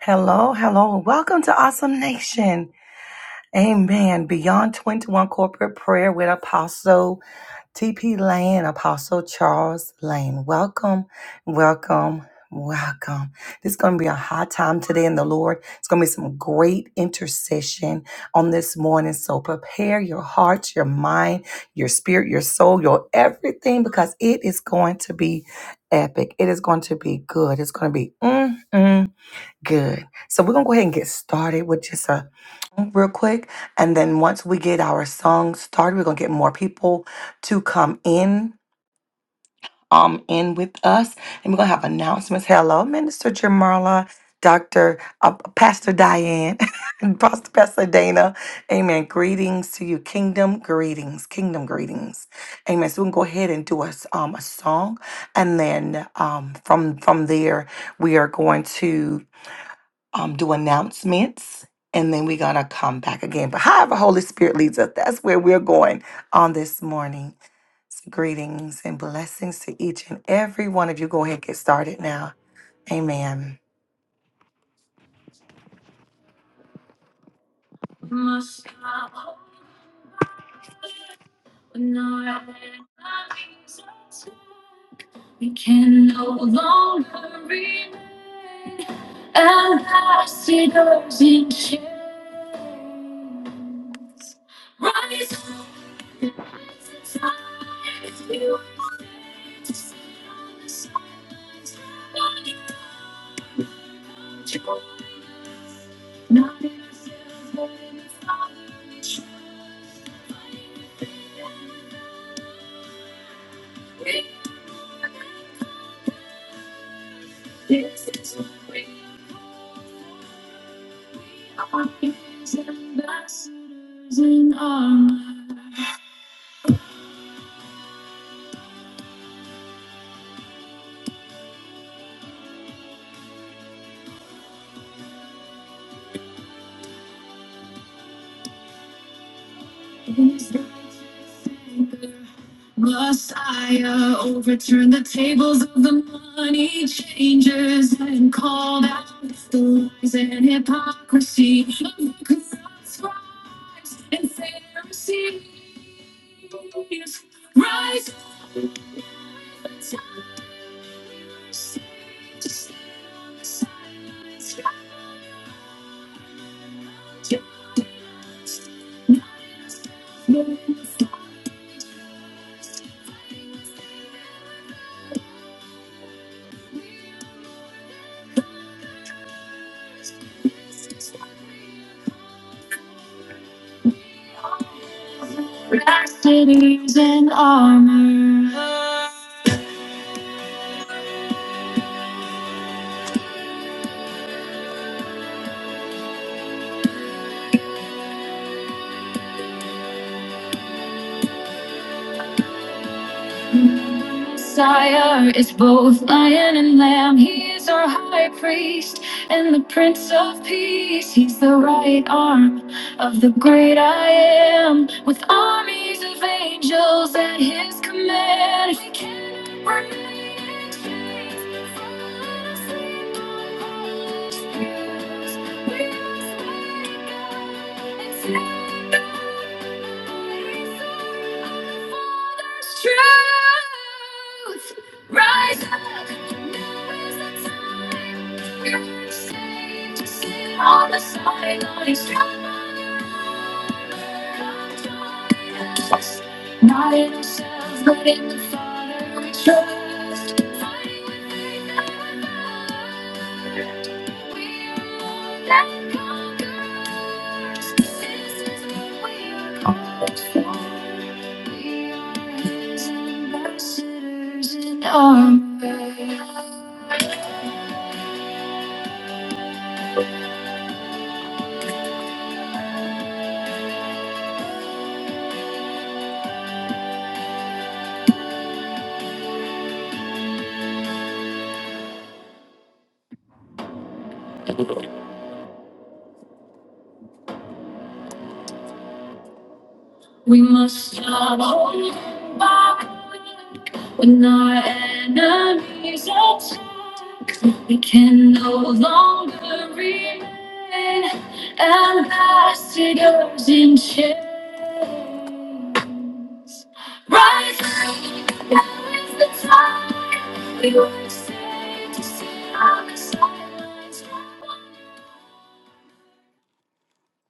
Hello, hello. Welcome to Awesome Nation. Amen. Beyond 21 Corporate Prayer with Apostle TP Lane, Apostle Charles Lane. Welcome, welcome, welcome. This is going to be a hot time today in the Lord. It's going to be some great intercession on this morning. So prepare your hearts, your mind, your spirit, your soul, your everything, because it is going to be epic. It is going to be good. It's going to be mm, mm, Good. So we're gonna go ahead and get started with just a real quick, and then once we get our song started, we're gonna get more people to come in, um, in with us, and we're gonna have announcements. Hello, Minister Jamarla, Doctor uh, Pastor Diane, and Pastor Pastor Dana. Amen. Greetings to you, Kingdom greetings, Kingdom greetings. Amen. So we can go ahead and do us um a song, and then um from from there we are going to um, do announcements and then we're going to come back again. But however, Holy Spirit leads us, that's where we're going on this morning. So greetings and blessings to each and every one of you. Go ahead and get started now. Amen. No, we can no longer remain ambassadors in chains. Rise up, rise up, if you are to on the sidelines, not in control, not in the silver, not in the This is a way our kings and masters in armor. His righteous anger. Messiah overturned the tables of the money changers and called out the lies and hypocrisy of the corrupt scribes and Pharisees. Rise up and tell your saints to stand on the silence. Black cities in armor. Messiah is both lion and lamb. He is our high priest and the prince of peace. He's the right arm. of the great I am, with armies of angels at his command. We cannot break its chains, falling asleep on our spheres. We must wake up and The Father's Truth. Rise up, now is the time. We are saved to sit on the sidelines, strong on your own. Yes. Not in ourselves, but in the Father we trust. Fighting with faith and with love. We are more than conquerors. This is what we are called for. We are ambassadors in armor. We must not hold back when our enemies attack. We can no longer remain ambassadors in chains. Rise up, now is the time. We were saved to see our silence.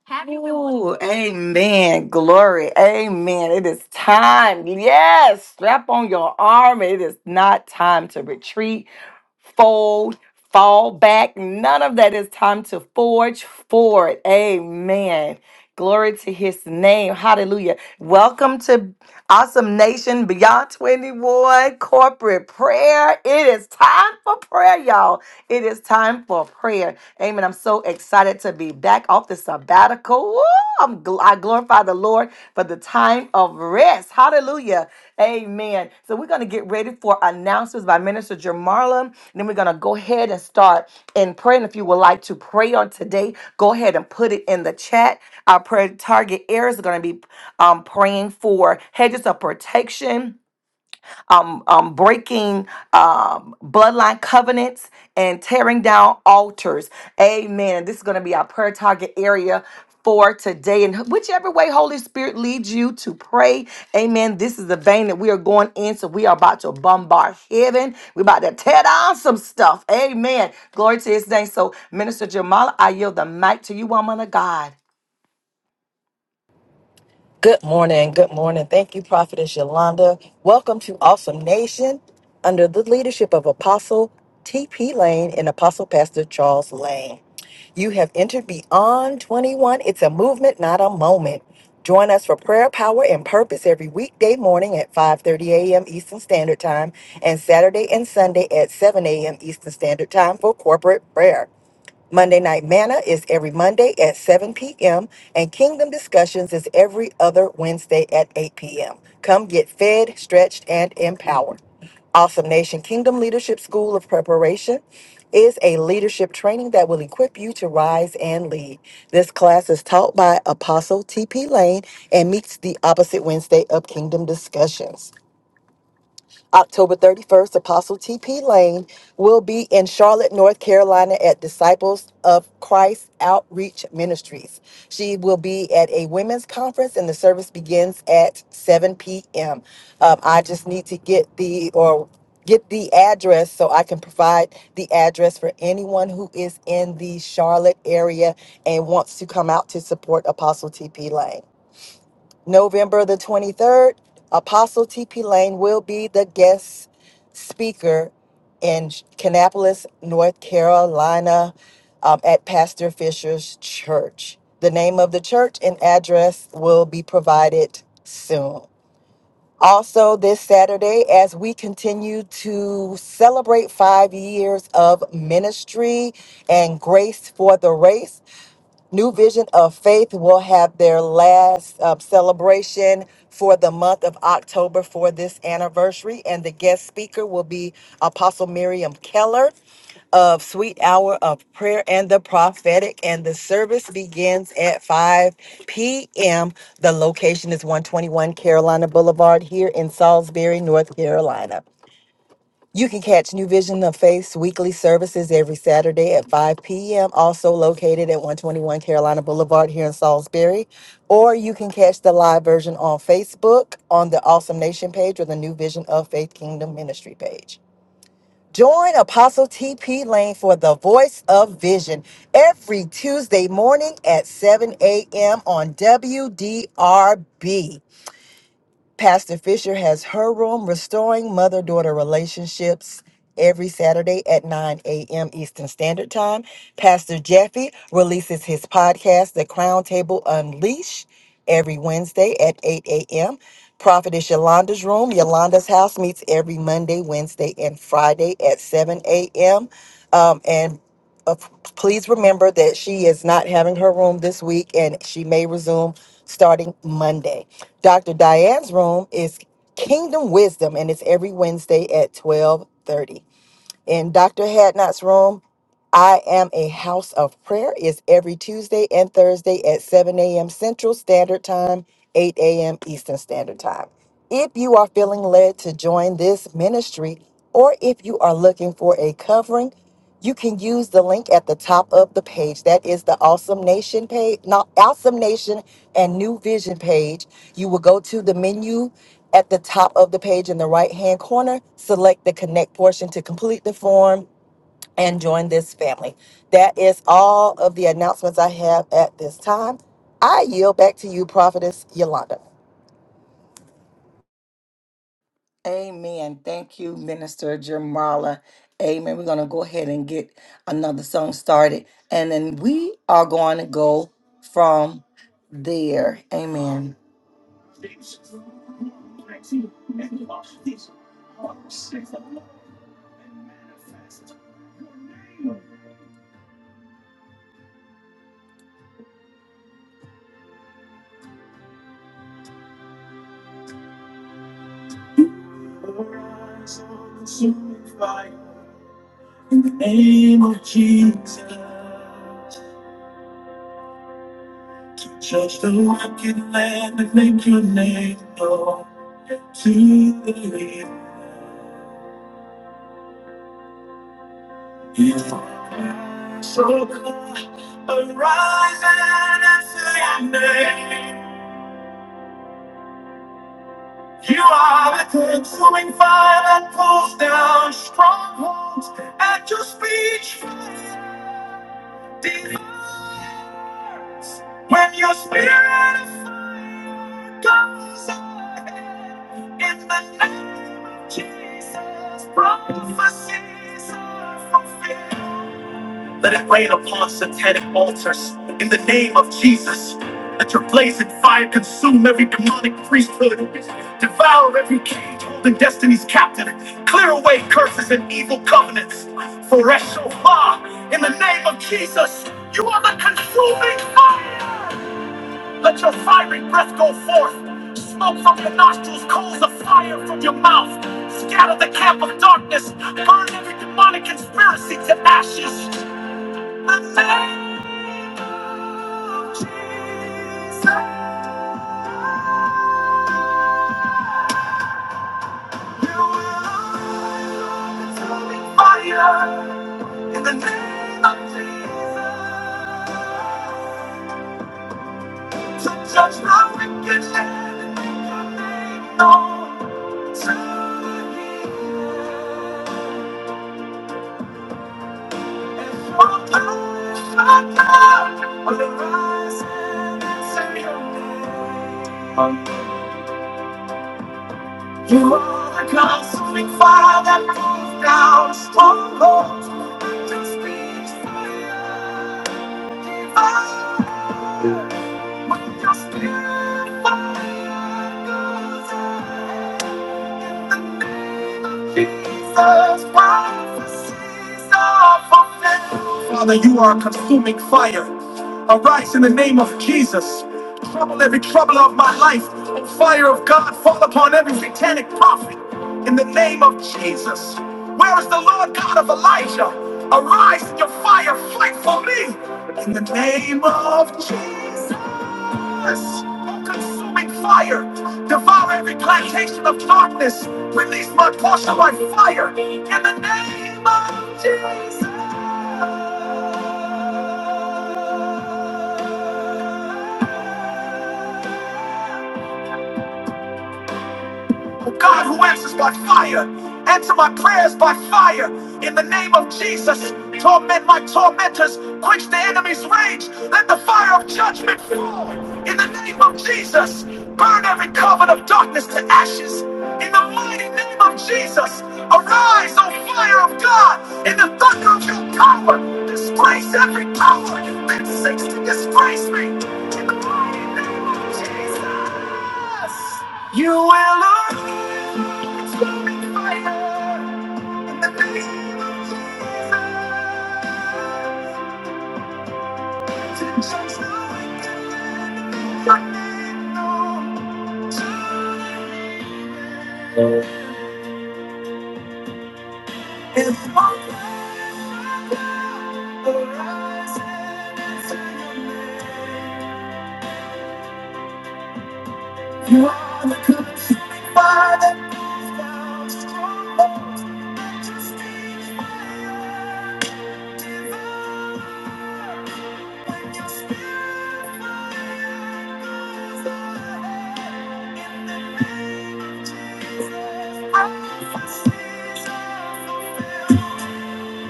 Happy reward. Ooh, amen. Glory. Amen. It is time. Yes. Strap on your arm. It is not time to retreat, fold, fall back. None of that is time to forge forward. Amen. Glory to his name. Hallelujah. Welcome to Awesome Nation Beyond 21 Corporate Prayer. It is time for prayer, y'all. It is time for prayer. Amen. I'm so excited to be back off the sabbatical sabbatical. Woo! I'm gl- I glorify the Lord for the time of rest. Hallelujah. Amen. So we're going to get ready for announcements by Minister Jamarla. And then we're going to go ahead and start in prayer. And if you would like to pray on today, go ahead and put it in the chat. Our prayer target areas are going to be um, praying for hedges of protection um, um, breaking um, bloodline covenants and tearing down altars. Amen. This is going to be our prayer target area for today. And whichever way Holy Spirit leads you to pray, amen. This is the vein that we are going in. So we are about to bombard heaven. We're about to tear down some stuff. Amen. Glory to his name. So, Minister Jamala, I yield the mic to you, woman of God. Good morning. Good morning. Thank you, Prophetess Yolanda. Welcome to Awesome Nation under the leadership of Apostle T.P. Lane and Apostle Pastor Charles Lane. You have entered Beyond 21. It's a movement, not a moment. Join us for prayer, power, and purpose every weekday morning at 5:30 a.m. Eastern Standard Time and Saturday and Sunday at 7 a.m. Eastern Standard Time for corporate prayer. Monday Night Manna is every Monday at 7 p.m., and Kingdom Discussions is every other Wednesday at 8 p.m. Come get fed, stretched, and empowered. Awesome Nation Kingdom Leadership School of Preparation is a leadership training that will equip you to rise and lead. This class is taught by Apostle T.P. Lane and meets the opposite Wednesday of Kingdom Discussions. October 31st, Apostle T.P. Lane will be in Charlotte, North Carolina at Disciples of Christ Outreach Ministries. She will be at a women's conference and the service begins at 7 p.m. Um, I just need to get the, or get the address so I can provide the address for anyone who is in the Charlotte area and wants to come out to support Apostle TP Lane. November the 23rd, Apostle T.P. Lane will be the guest speaker in Kannapolis, North Carolina um, at Pastor Fisher's church. The name of the church and address will be provided soon. Also, this Saturday, as we continue to celebrate five years of ministry and grace for the race, New Vision of Faith will have their last uh, celebration for the month of October for this anniversary, and the guest speaker will be Apostle Miriam Keller of Sweet Hour of Prayer and the Prophetic, and the service begins at 5 p.m. The location is 121 Carolina Boulevard here in Salisbury, North Carolina. You can catch New Vision of Faith's weekly services every Saturday at 5 p.m., also located at 121 Carolina Boulevard here in Salisbury. Or you can catch the live version on Facebook on the Awesome Nation page or the New Vision of Faith Kingdom Ministry page. Join Apostle TP Lane for the Voice of Vision every Tuesday morning at 7 a.m. on WDRB. Pastor Fisher has her room, Restoring Mother Daughter Relationships, every Saturday at 9 a.m. Eastern Standard Time. Pastor Jeffy releases his podcast, The Crown Table Unleash, every Wednesday at 8 a.m. Prophetess Yolanda's room, Yolanda's house meets every Monday, Wednesday, and Friday at 7 a.m. Um, and uh, please remember that she is not having her room this week and she may resume starting Monday. Dr. Diane's room is Kingdom Wisdom and it's every Wednesday at 12:30. In Dr. Hadnot's room I am a house of prayer is every Tuesday and Thursday at 7 a.m. Central Standard Time, 8 a.m. Eastern Standard Time. If you are feeling led to join this ministry or if you are looking for a covering, you can use the link at the top of the page. That is the Awesome Nation page, not Awesome Nation and New Vision page. You will go to the menu at the top of the page in the right hand corner, select the connect portion to complete the form and join this family. That is all of the announcements I have at this time. I yield back to you, Prophetess Yolanda. Amen. Thank you, Minister Jamala. Amen. We're going to go ahead and get another song started. And then we are going to go from there. Amen. Judge the wicked land and make your name known to the end. So come, arise and answer your name. You are the consuming fire that pulls down strongholds at your speech. Deliverance. When your spirit of fire goes ahead in the name of Jesus, prophecies are fulfilled. Let it rain upon satanic altars in the name of Jesus. Let your blazing fire consume every demonic priesthood, devour every cage holding destinies captive, clear away curses and evil covenants. For Eshofar, in the name of Jesus, you are the consuming fire. Let your fiery breath go forth, smoke from your nostrils, coals of fire from your mouth. Scatter the camp of darkness, burn every demonic conspiracy to ashes. In the name of Jesus, to judge my wicked hand and make your name known to me. And for the power of God, will rise and answer your name. You are the consuming fire that moves down strongholds. Just be fire, fire. When your spirit fire goes out. Jesus, prophecies are fulfilled. Father, you are a consuming fire. Arise in the name of Jesus. Trouble every trouble of my life. O fire of God fall upon every satanic prophet. In the name of Jesus. Where is the Lord God of Elijah? Arise in your fire, fight for me. In the name of Jesus darkness, oh consuming fire, devour every plantation of darkness, release my portion by fire in the name of Jesus. A God who answers by fire, answer my prayers by fire. In the name of Jesus, torment my tormentors, quench the enemy's rage, let the fire of judgment fall. In the name of Jesus, burn every covet of darkness to ashes. In the mighty name of Jesus, arise, O fire of God, in the thunder of your power, displace every power that seeks to disgrace me. In the mighty name of Jesus. You will always be my fire in the name of Jesus. Just like the lightning, no. time. If one day arises in your name, you are the consuming fire that burns strongholds. Just keep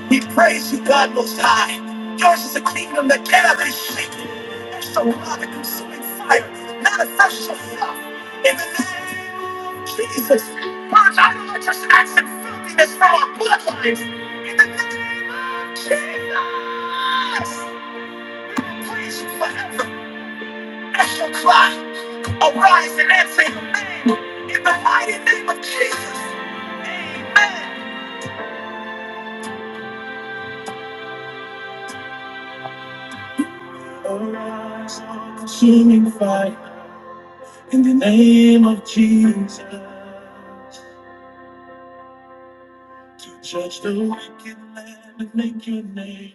We praise you, God Most High. Yours is the kingdom that cannot be shaken. There's the rock of consuming fire. Manifest yourself in the name of Jesus. Purge idolatrous acts and filthiness from our bloodlines. In the name of Jesus. We will praise you forever. That's your cry. Arise and answer your name. In the mighty name of Jesus. Amen. Arise, O consuming fire. In the name of Jesus. To judge the wicked land and make your name.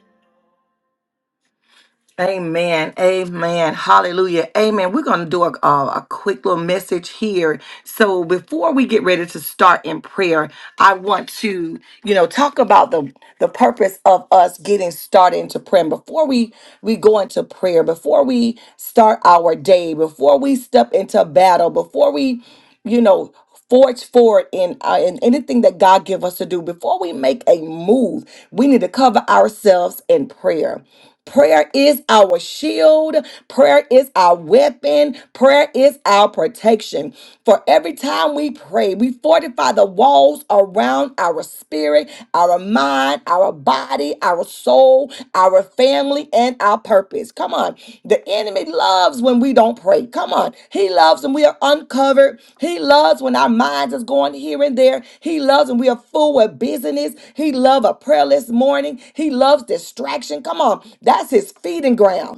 Amen. Amen. Hallelujah. Amen. We're going to do a, a, a quick little message here. So before we get ready to start in prayer, I want to, you know, talk about the the purpose of us getting started into prayer. And before we we go into prayer, before we start our day, before we step into battle, before we, you know, forge forward in uh, in anything that God give us to do. Before we make a move, we need to cover ourselves in prayer. Prayer is our shield. Prayer is our weapon. Prayer is our protection. For every time we pray, we fortify the walls around our spirit, our mind, our body, our soul, our family, and our our purpose. Come on. The enemy loves when we don't pray. Come on. He loves when we are uncovered. He loves when our minds is going here and there. He loves when we are full with busyness. He loves a prayerless morning. He loves distraction. Come on. That's his feeding ground.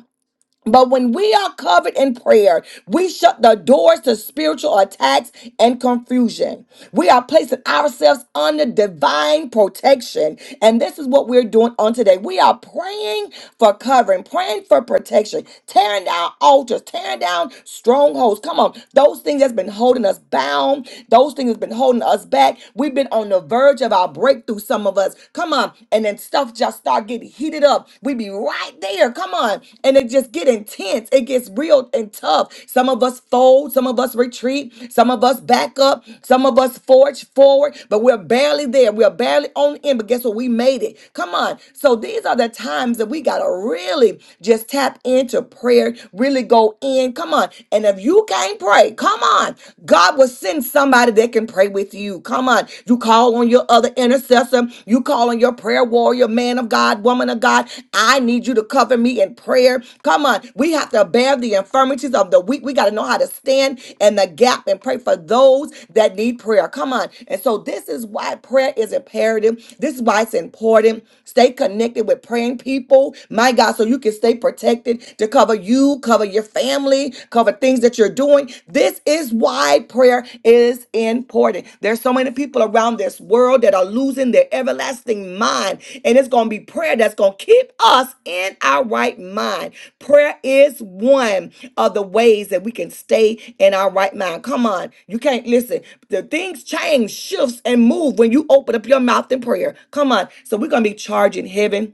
But when we are covered in prayer, we shut the doors to spiritual attacks and confusion. We are placing ourselves under divine protection. And this is what we're doing on today. We are praying for covering, praying for protection, tearing down altars, tearing down strongholds. Come on, those things that's been holding us bound, those things that's been holding us back. We've been on the verge of our breakthrough, some of us. Come on and then stuff just start getting heated up. We be right there. Come on. And it just get intense. It gets real and tough. Some of us fold, some of us retreat, some of us back up, some of us forge forward, but we're barely there. We're barely on the end, but guess what? We made it. Come on. So these are the times that we got to really just tap into prayer, really go in. Come on. And if you can't pray, come on. God will send somebody that can pray with you. Come on. You call on your other intercessor. You call on your prayer warrior, man of God, woman of God. I need you to cover me in prayer. Come on. We have to bear the infirmities of the weak. We got to know how to stand in the gap and pray for those that need prayer. Come on. And so this is why prayer is imperative. This is why it's important. Stay connected with praying people. My God, so you can stay protected to cover you, cover your family family, cover things that you're doing. This is why prayer is important. There's so many people around this world that are losing their everlasting mind, and it's going to be prayer that's going to keep us in our right mind. Prayer is one of the ways that we can stay in our right mind. Come on, you can't listen. The things change, shifts, and move when you open up your mouth in prayer. Come on. So we're going to be charging heaven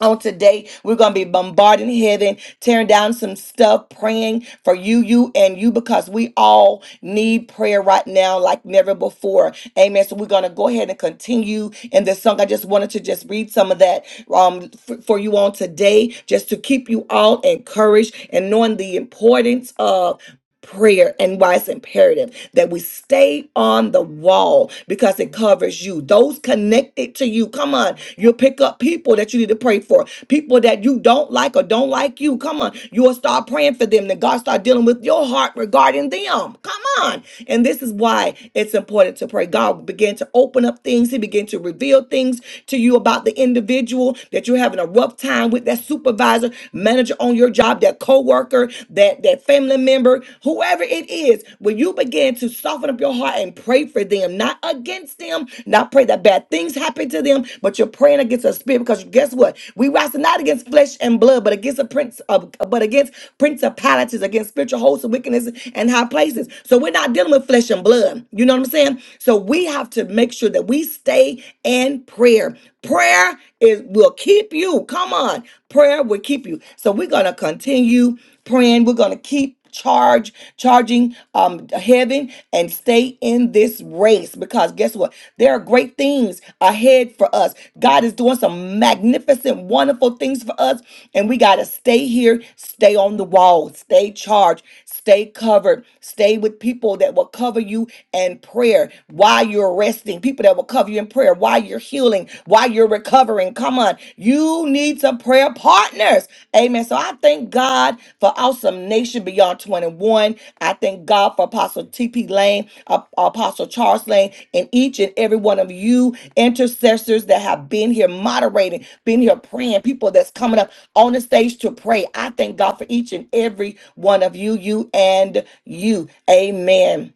on today. We're going to be bombarding heaven, tearing down some stuff, praying for you, you, and you, because we all need prayer right now like never before. Amen. So we're going to go ahead and continue in this song. I just wanted to just read some of that um, f- for you on today, just to keep you all encouraged and knowing the importance of prayer and why it's imperative that we stay on the wall because it covers you those connected to you come on you'll pick up people that you need to pray for people that you don't like or don't like you come on you'll start praying for them then god start dealing with your heart regarding them come on and this is why it's important to pray god began to open up things he began to reveal things to you about the individual that you're having a rough time with that supervisor manager on your job, that co-worker, that, that family member, whoever it is, when you begin to soften up your heart and pray for them, not against them, not pray that bad things happen to them, but you're praying against a spirit because guess what? We wrestle not against flesh and blood, but against a prince of but against principalities, against spiritual hosts and wickedness and high places. So we're not dealing with flesh and blood. You know what I'm saying? So we have to make sure that we stay in prayer. Prayer is is will keep you. Come on. Prayer will keep you. So we're gonna continue praying. We're gonna keep charge charging um heaven and stay in this race because guess what there are great things ahead for us god is doing some magnificent wonderful things for us and we got to stay here stay on the wall stay charged stay covered stay with people that will cover you and prayer while you're resting people that that will cover you in prayer while you're healing, while you're recovering. Come on. You need some prayer partners. Amen. So I thank God for Awesome Nation Beyond 21. I thank God for Apostle T.P. Lane, Ap- Apostle Charles Lane, and each and every one of you intercessors that have been here moderating, been here praying, people that's coming up on the stage to pray. I thank God for each and every one of you, you and you. Amen.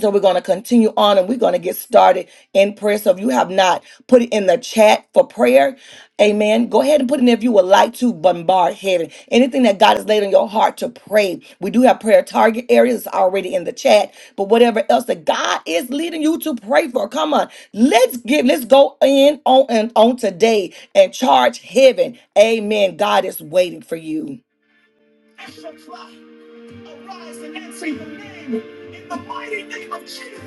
So we're going to continue on and we're going to get started in prayer. So if you have not put it in the chat for prayer, amen, go ahead and put it in if you would like to bombard heaven. Anything that God has laid on your heart to pray. We do have prayer target areas already in the chat, but whatever else that God is leading you to pray for, come on. Let's give, let's go in on and on today and charge heaven. Amen. God is waiting for you. Arise and answer the name in the mighty name of Jesus.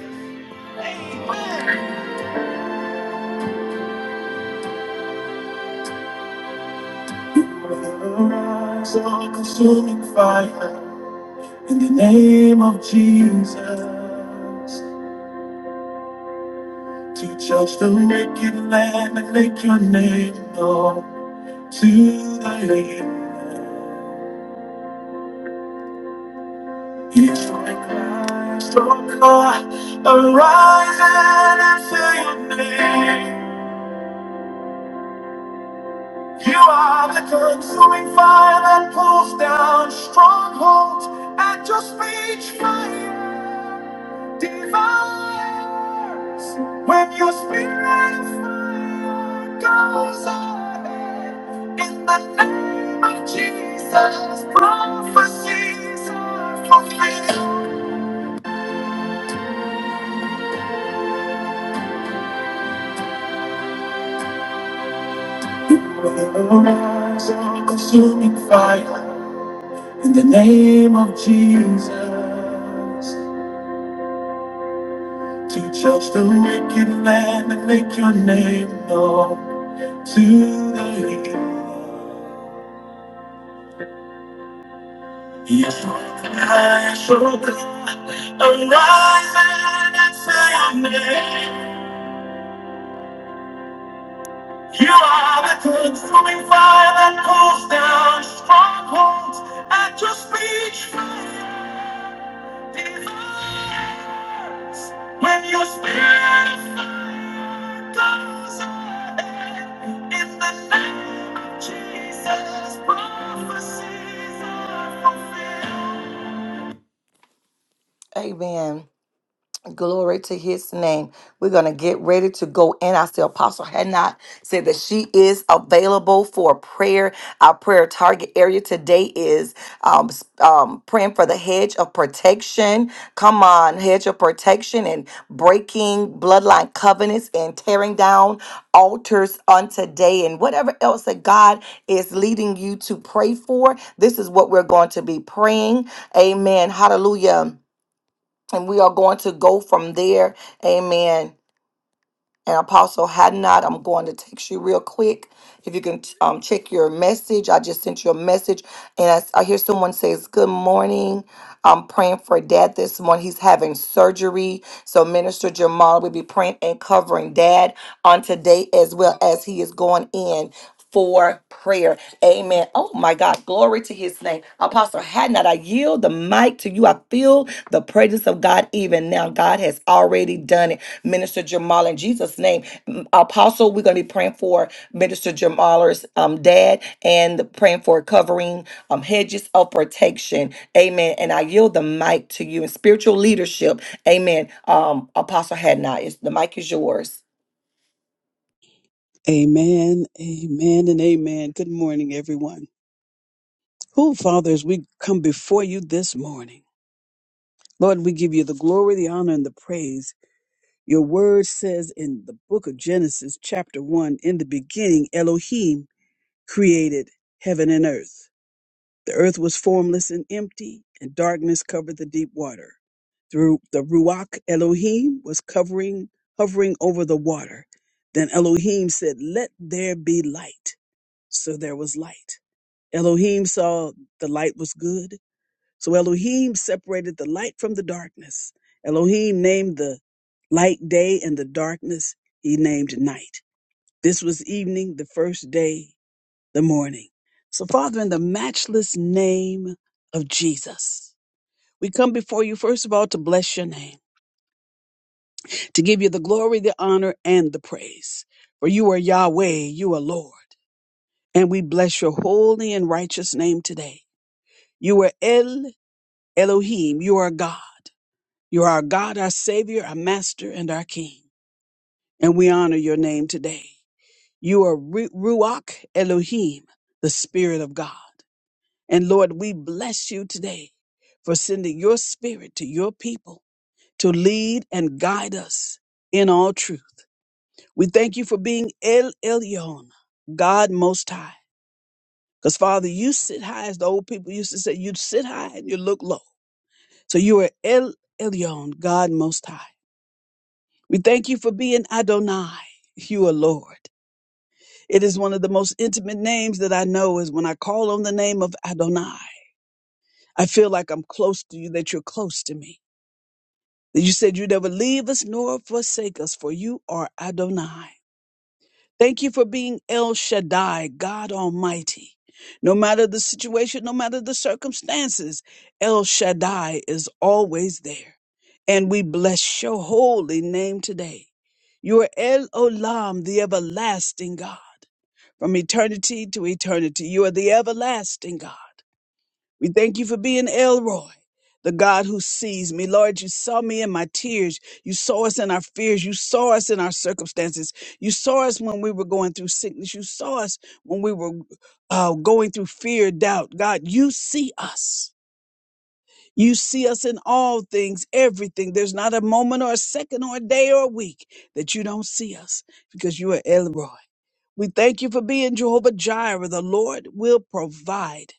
Amen. Rise on consuming fire in the name of Jesus. To judge the wicked land and make your name known to the land. He's my Christ, oh God, arise and answer your name. You are the consuming fire that pulls down strongholds at your speech fire devours. When your spirit of fire goes ahead, in the name of Jesus, prophecies are fulfilled. You will arise as a consuming fire in the name of Jesus. To judge the wicked man and make your name known to the Lord. Yes, I shall arise and say your name. You are the consuming fire that pulls down strongholds at your speech. Desires. When your spirit of fire goes ahead in the name of Jesus, prophecies are fulfilled. Amen. Glory to his name. We're going to get ready to go in. I see Apostle had not said that she is available for prayer. Our prayer target area today is um, s- um, praying for the hedge of protection. Come on, hedge of protection and breaking bloodline covenants and tearing down altars on today and whatever else that God is leading you to pray for. This is what we're going to be praying. Amen. Hallelujah and we are going to go from there. Amen. And Apostle Hadnot, I'm going to text you real quick. If you can um, check your message, I just sent you a message, and I, s- I hear someone says, "Good morning." I'm praying for Dad this morning. He's having surgery, so Minister Jamal will be praying and covering Dad on today as well as he is going in for prayer. Amen. Oh my God. Glory to his name. Apostle Hadnot, I yield the mic to you. I feel the presence of God even now. God has already done it. Minister Jamal, in Jesus' name. M- Apostle, we're going to be praying for Minister Jamal's um, dad and praying for covering um, hedges of protection. Amen. And I yield the mic to you in spiritual leadership. Amen. Um, Apostle Hadnot, is the mic is yours. Amen, amen, and amen. Good morning, everyone. Oh, Father, as we come before you this morning, Lord, we give you the glory, the honor, and the praise. Your word says in the book of Genesis, chapter 1, in the beginning, Elohim created heaven and earth. The earth was formless and empty, and darkness covered the deep water. Through the Ruach, Elohim was covering, hovering over the water. Then Elohim said, Let there be light. So there was light. Elohim saw the light was good. So Elohim separated the light from the darkness. Elohim named the light day and the darkness he named night. This was evening, the first day, the morning. So, Father, in the matchless name of Jesus, we come before you, first of all, to bless your name, to give you the glory, the honor, and the praise. For you are Yahweh, you are Lord. And we bless your holy and righteous name today. You are El. Elohim, you are God. You are our God, our Savior, our Master, and our King. And we honor your name today. You are Ru- Ruach Elohim, the Spirit of God. And Lord, we bless you today for sending your Spirit to your people to lead and guide us in all truth. We thank you for being El Elyon, God Most High. Because, Father, you sit high, as the old people used to say, you sit high and you look low. So you are El Elyon, God Most High. We thank you for being Adonai. You are Lord. It is one of the most intimate names that I know is when I call on the name of Adonai. I feel like I'm close to you, that you're close to me. That you said you never leave us nor forsake us, for you are Adonai. Thank you for being El Shaddai, God Almighty. No matter the situation, no matter the circumstances, El Shaddai is always there. And we bless your holy name today. You are El Olam, the everlasting God. From eternity to eternity, you are the everlasting God. We thank you for being Elroy, the God who sees me. Lord, you saw me in my tears. You saw us in our fears. You saw us in our circumstances. You saw us when we were going through sickness. You saw us when we were uh, going through fear, doubt. God, you see us. You see us in all things, everything. There's not a moment or a second or a day or a week that you don't see us because you are Elroy. We thank you for being Jehovah Jireh. The Lord will provide.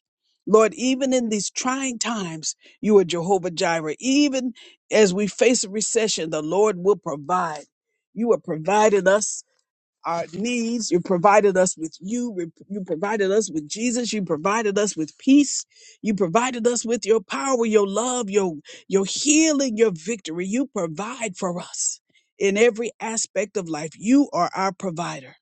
Lord, even in these trying times, you are Jehovah Jireh. Even as we face a recession, the Lord will provide. You have provided us our needs. You provided us with you. You provided us with Jesus. You provided us with peace. You provided us with your power, your love, your, your healing, your victory. You provide for us in every aspect of life. You are our provider.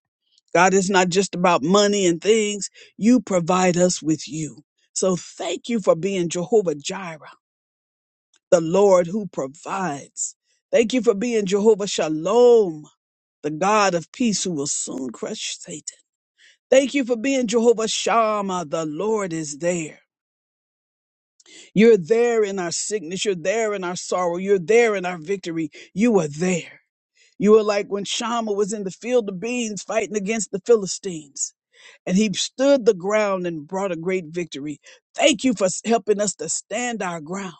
God, it's not just about money and things. You provide us with you. So thank you for being Jehovah Jireh, the Lord who provides. Thank you for being Jehovah Shalom, the God of peace who will soon crush Satan. Thank you for being Jehovah Shammah, the Lord is there. You're there in our sickness. You're there in our sorrow. You're there in our victory. You are there. You are like when Shammah was in the field of beans fighting against the Philistines. and he stood the ground and brought a great victory. Thank you for s- helping us to stand our ground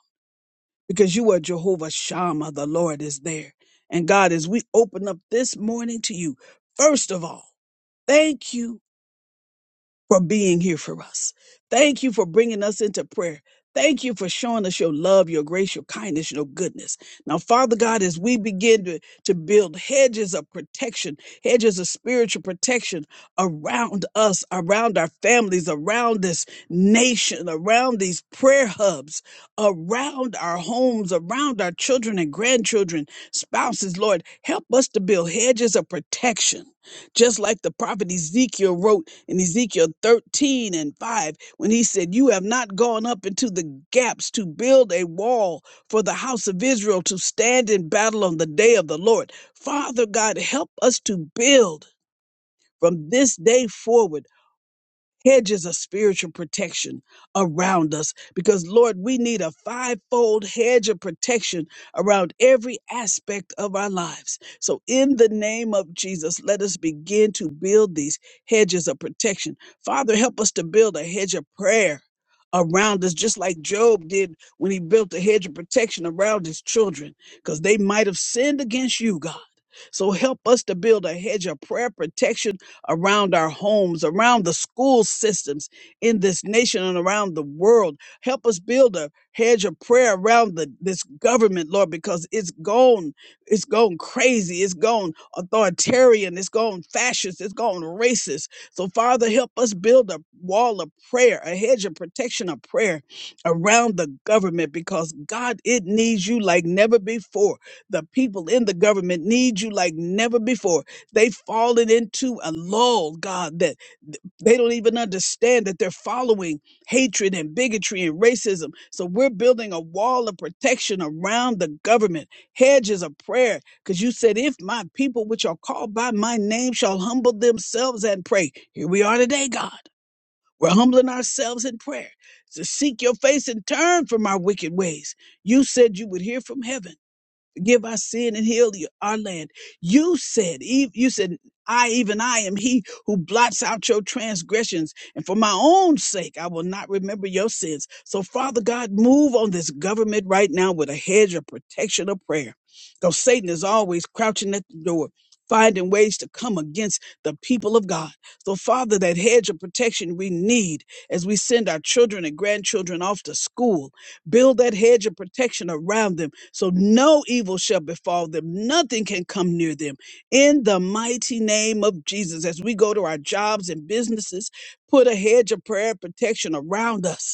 because you are Jehovah Shammah. The Lord is there. And God, as we open up this morning to you, first of all, thank you for being here for us. Thank you for bringing us into prayer. Thank you for showing us your love, your grace, your kindness, your goodness. Now, Father God, as we begin to, to build hedges of protection, hedges of spiritual protection around us, around our families, around this nation, around these prayer hubs, around our homes, around our children and grandchildren, spouses, Lord, help us to build hedges of protection just like the prophet Ezekiel wrote in Ezekiel 13 and 5 when he said, You have not gone up into the gaps to build a wall for the house of Israel to stand in battle on the day of the Lord. Father God, help us to build from this day forward hedges of spiritual protection around us because, Lord, we need a fivefold hedge of protection around every aspect of our lives. So, in the name of Jesus, let us begin to build these hedges of protection. Father, help us to build a hedge of prayer. Around us, just like Job did when he built a hedge of protection around his children, because they might have sinned against you, God. So help us to build a hedge of prayer protection around our homes, around the school systems in this nation and around the world. Help us build a hedge of prayer around the, this government, Lord, because it's gone, it's gone crazy, it's gone authoritarian, it's gone fascist, it's gone racist. So, Father, help us build a wall of prayer, a hedge of protection of prayer around the government because God, it needs you like never before. The people in the government need you like never before. They've fallen into a lull, God, that they don't even understand that they're following hatred and bigotry and racism. So we're building a wall of protection around the government, hedges of prayer, because you said, if my people, which are called by my name, shall humble themselves and pray. Here we are today, God. We're humbling ourselves in prayer to seek your face and turn from our wicked ways. You said you would hear from heaven forgive our sin and heal the- our land. You said, Eve, you said, I, even I am he who blots out your transgressions. And for my own sake, I will not remember your sins. So Father God, move on this government right now with a hedge of protection of prayer. Because Satan is always crouching at the door, finding ways to come against the people of God. So Father, that hedge of protection we need as we send our children and grandchildren off to school Build that hedge of protection around them so no evil shall befall them. Nothing can come near them. In the mighty name of Jesus, as we go to our jobs and businesses, put a hedge of prayer and protection around us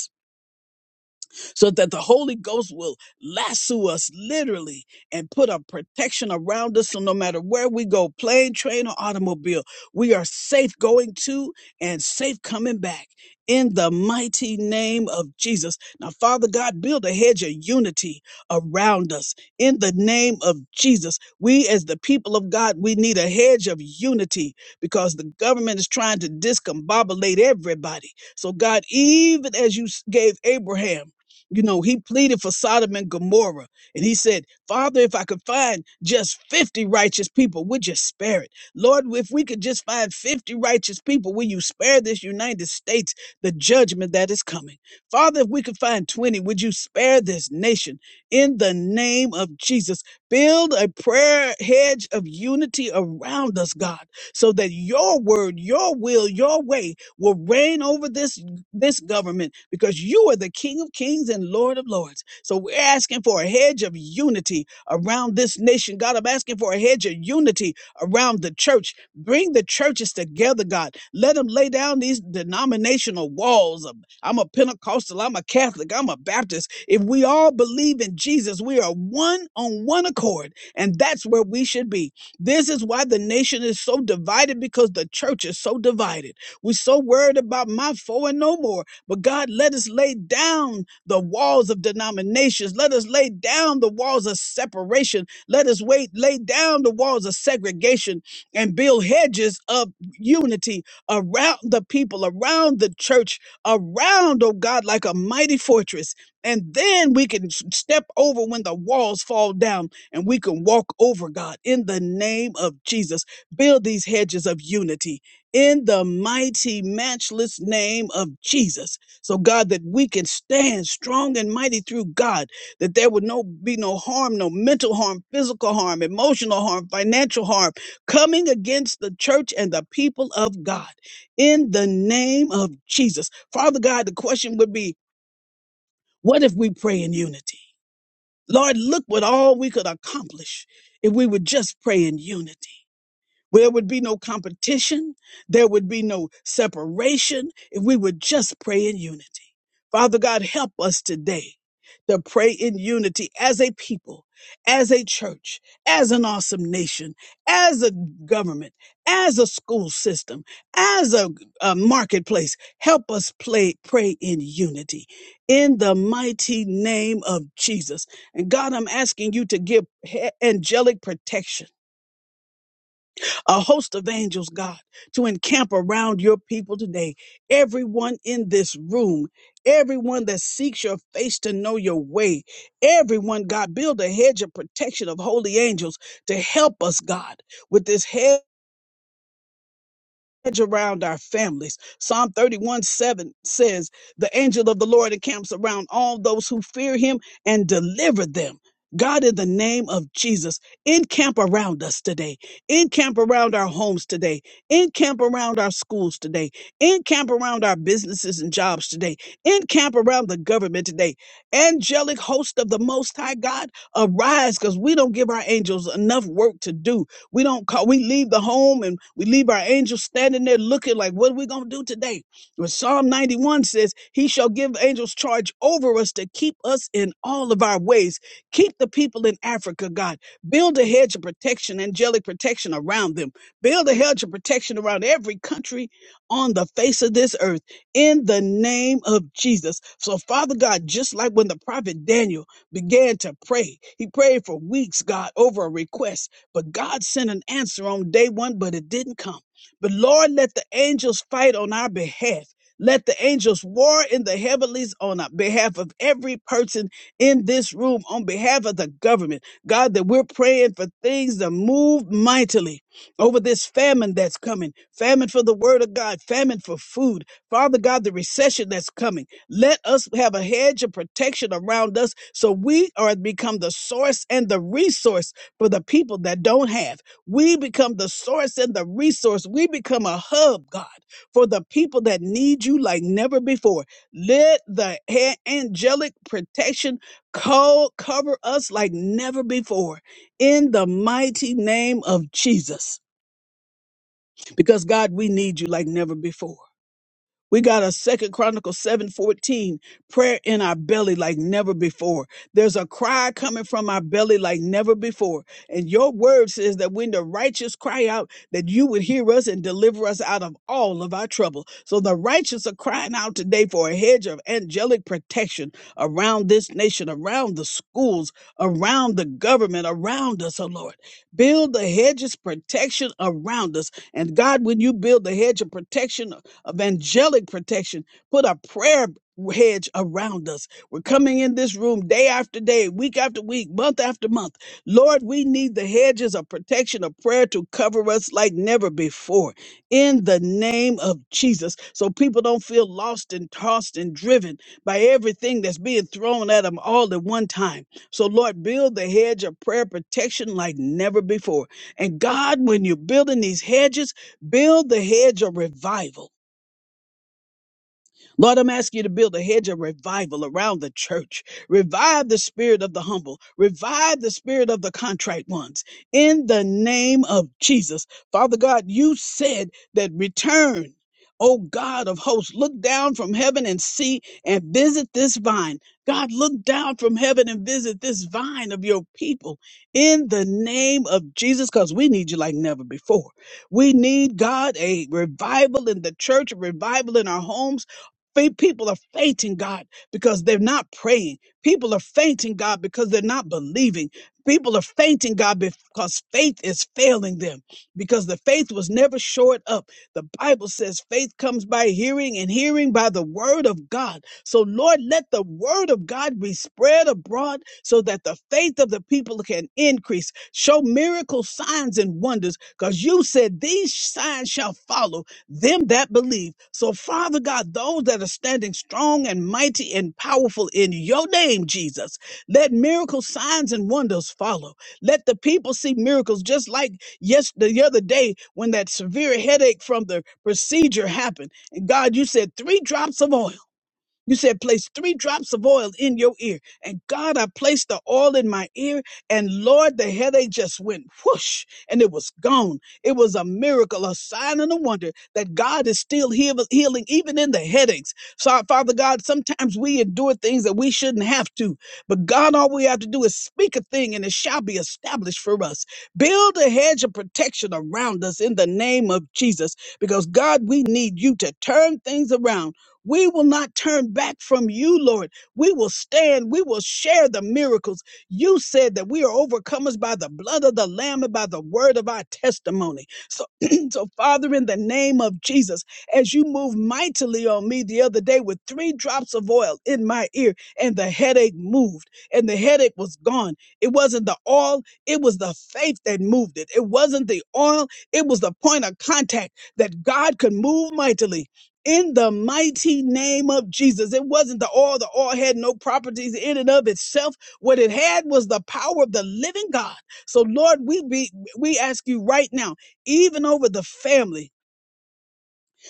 so that the Holy Ghost will lasso us literally and put a protection around us. So no matter where we go, plane, train, or automobile, we are safe going to and safe coming back in the mighty name of Jesus. Now, Father God, build a hedge of unity around us in the name of Jesus. We, as the people of God, we need a hedge of unity because the government is trying to discombobulate everybody. So, God, even as you s- gave Abraham, you know, he pleaded for Sodom and Gomorrah. And he said, Father, if I could find just 50 righteous people, would you spare it? Lord, if we could just find 50 righteous people, will you spare this United States the judgment that is coming? Father, if we could find 20, would you spare this nation? In the name of Jesus, build a prayer hedge of unity around us, God, so that your word, your will, your way will reign over this this government because you are the King of Kings and Lord of Lords. So we're asking for a hedge of unity around this nation. God, I'm asking for a hedge of unity around the church. Bring the churches together, God. Let them lay down these denominational walls. of, I'm a Pentecostal, I'm a Catholic, I'm a Baptist. If we all believe in Jesus, we are one on one accord, and that's where we should be. This is why the nation is so divided because the church is so divided. We're so worried about my four and no more. But God, let us lay down the walls of denominations. Let us lay down the walls of separation. Let us wait, lay down the walls of segregation and build hedges of unity around the people, around the church, around, oh God, like a mighty fortress. And then we can s- step over when the walls fall down and we can walk over, God, in the name of Jesus. Build these hedges of unity in the mighty, matchless name of Jesus. So, God, that we can stand strong and mighty through God, that there would no be no harm, no mental harm, physical harm, emotional harm, financial harm coming against the church and the people of God. In the name of Jesus. Father God, the question would be what if we pray in unity? Lord, look what all we could accomplish if we would just pray in unity. There would be no competition. There would be no separation if we would just pray in unity. Father God, help us today to pray in unity as a people, as a church, as an awesome nation, as a government, as a school system, as a, a marketplace. Help us play, pray in unity in the mighty name of Jesus. And God, I'm asking you to give he- angelic protection a host of angels, God, to encamp around your people today. Everyone in this room, everyone that seeks your face to know your way, everyone, God, build a hedge of protection of holy angels to help us, God, with this hedge hedge around our families. Psalm 31 7 says, The angel of the Lord encamps around all those who fear him and deliver them. God, in the name of Jesus, encamp around us today, encamp around our homes today, encamp around our schools today, encamp around our businesses and jobs today, encamp around the government today. Angelic host of the Most High God, arise because we don't give our angels enough work to do we don't call, we leave the home and we leave our angels standing there looking like, what are we going to do today? But Psalm 91 says, He shall give angels charge over us to keep us in all of our ways. Keep the people in Africa, God. Build a hedge of protection, angelic protection around them. Build a hedge of protection around every country on the face of this earth in the name of Jesus. So, Father God, just like when the prophet Daniel began to pray, he prayed for weeks, God, over a request. But God sent an answer on day one, but it didn't come. But Lord, let the angels fight on our behalf. Let the angels war in the heavenlies on our behalf of every person in this room, on behalf of the government. God, that we're praying for things to move mightily over this famine that's coming famine for the word of God, famine for food. Father God, the recession that's coming. Let us have a hedge of protection around us so we are become the source and the resource for the people that don't have. We become the source and the resource. We become a hub, God, for the people that need you like never before. Let the a- angelic protection co- cover us like never before in the mighty name of Jesus. Because, God, we need you like never before. We got a second Chronicles 7:14, prayer in our belly like never before. There's a cry coming from our belly like never before. And your word says that when the righteous cry out, that you would hear us and deliver us out of all of our trouble. So the righteous are crying out today for a hedge of angelic protection around this nation, around the schools, around the government, around us, oh Lord. Build the hedges protection around us. And God, when you build the hedge of protection of angelic protection. Put a prayer hedge around us. We're coming in this room day after day, week after week, month after month. Lord, we need the hedges of protection of prayer to cover us like never before in the name of Jesus. So people don't feel lost and tossed and driven by everything that's being thrown at them all at one time. So, Lord, build the hedge of prayer protection like never before. And God, when you're building these hedges, build the hedge of revival Lord, I'm asking you to build a hedge of revival around the church. Revive the spirit of the humble. Revive the spirit of the contrite ones. In the name of Jesus. Father God, you said that return. O God of hosts, look down from heaven and see and visit this vine. God, look down from heaven and visit this vine of your people in the name of Jesus, because we need you like never before. We need, God, a revival in the church, a revival in our homes Fa- People are fainting, God, because they're not praying. People are fainting, God, because they're not believing. People are fainting, God, because faith is failing them, because the faith was never shored up. The Bible says faith comes by hearing, and hearing by the word of God. So, Lord, let the word of God be spread abroad so that the faith of the people can increase. Show miracle signs and wonders, because you said these signs shall follow them that believe. So, Father God, those that are standing strong and mighty and powerful in your name, Jesus, let miracles, signs, and wonders follow. Let the people see miracles, just like yes, the other day when that severe headache from the procedure happened. And God, you said three drops of oil. You said, place three drops of oil in your ear. And God, I placed the oil in my ear. And Lord, the headache just went whoosh and it was gone. It was a miracle, a sign and a wonder that God is still heal- healing, even in the headaches. So, Father God, sometimes we endure things that we shouldn't have to. But God, all we have to do is speak a thing and it shall be established for us. Build a hedge of protection around us in the name of Jesus. Because God, we need you to turn things around we will not turn back from you, Lord. We will stand. We will share the miracles. You said that we are overcomers by the blood of the Lamb and by the word of our testimony. So, so Father, in the name of Jesus, as you moved mightily on me the other day with three drops of oil in my ear, and the headache moved, and the headache was gone. It wasn't the oil, it was the faith that moved it. It wasn't the oil, it was the point of contact that God could move mightily in the mighty name of Jesus. It wasn't the oil. The oil had no properties in and of itself. What it had was the power of the living God. So Lord, we be, we ask you right now, even over the family,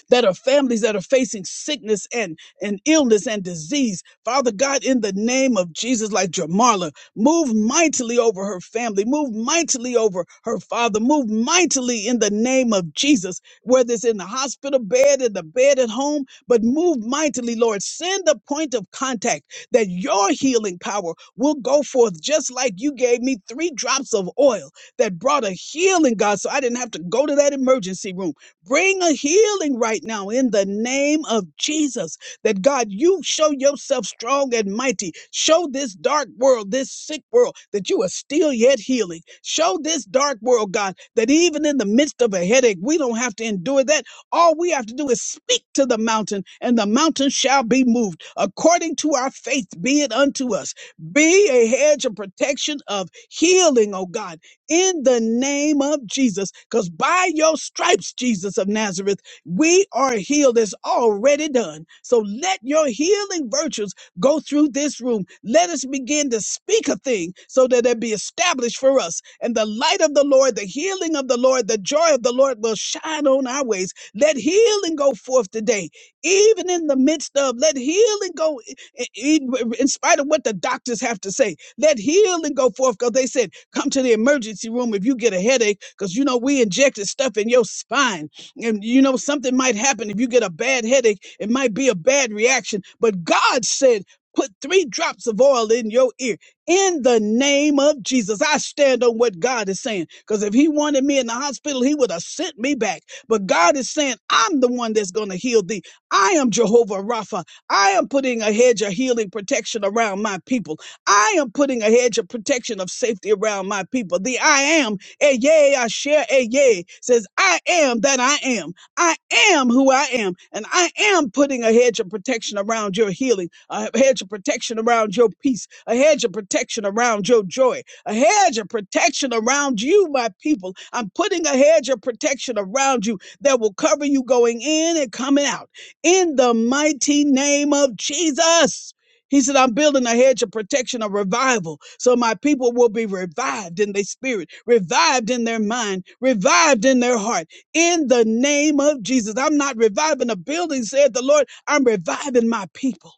that are families that are facing sickness and, and illness and disease. Father God, in the name of Jesus, like Jamarla, move mightily over her family, move mightily over her father, move mightily in the name of Jesus, whether it's in the hospital bed, in the bed at home, but move mightily, Lord. Send a point of contact that your healing power will go forth, just like you gave me three drops of oil that brought a healing, God, so I didn't have to go to that emergency room. Bring a healing right now in the name of Jesus. That God, you show yourself strong and mighty. Show this dark world, this sick world, that you are still yet healing. Show this dark world, God, that even in the midst of a headache, we don't have to endure that. All we have to do is speak to the mountain, and the mountain shall be moved according to our faith, be it unto us. Be a hedge of protection of healing, oh God in the name of Jesus. Because by your stripes, Jesus of Nazareth, we are healed. It's already done. So let your healing virtues go through this room. Let us begin to speak a thing so that it be established for us. And the light of the Lord, the healing of the Lord, the joy of the Lord will shine on our ways. Let healing go forth today, even in the midst of, let healing go i- i- in spite of what the doctors have to say. Let healing go forth because they said, come to the emergency room if you get a headache because, you know, we injected stuff in your spine. And, you know, something might happen if you get a bad headache. It might be a bad reaction. But God said, put three drops of oil in your ear in the name of Jesus. I stand on what God is saying. Because if He wanted me in the hospital, He would have sent me back. But God is saying, I'm the one that's going to heal thee. I am Jehovah Rapha. I am putting a hedge of healing protection around my people. I am putting a hedge of protection of safety around my people. The I am, a yea, I share, a yea, says, I am that I am. I am who I am. And I am putting a hedge of protection around your healing, a hedge of protection around your peace, a hedge of protection around your joy, a hedge of protection around you, my people. I'm putting a hedge of protection around you that will cover you going in and coming out. In the mighty name of Jesus. He said, I'm building a hedge of protection, a revival, so my people will be revived in their spirit, revived in their mind, revived in their heart. In the name of Jesus, I'm not reviving a building, said the Lord. I'm reviving my people.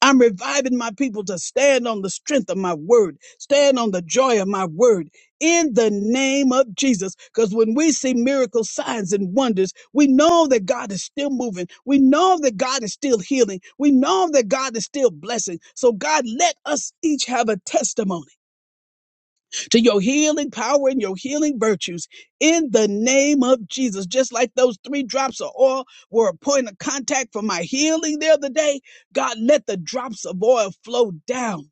I'm reviving my people to stand on the strength of my word, stand on the joy of my word in the name of Jesus. Because when we see miracles, signs, and wonders, we know that God is still moving. We know that God is still healing. We know that God is still blessing. So, God, let us each have a testimony to your healing power and your healing virtues in the name of Jesus. Just like those three drops of oil were a point of contact for my healing the other day, God, let the drops of oil flow down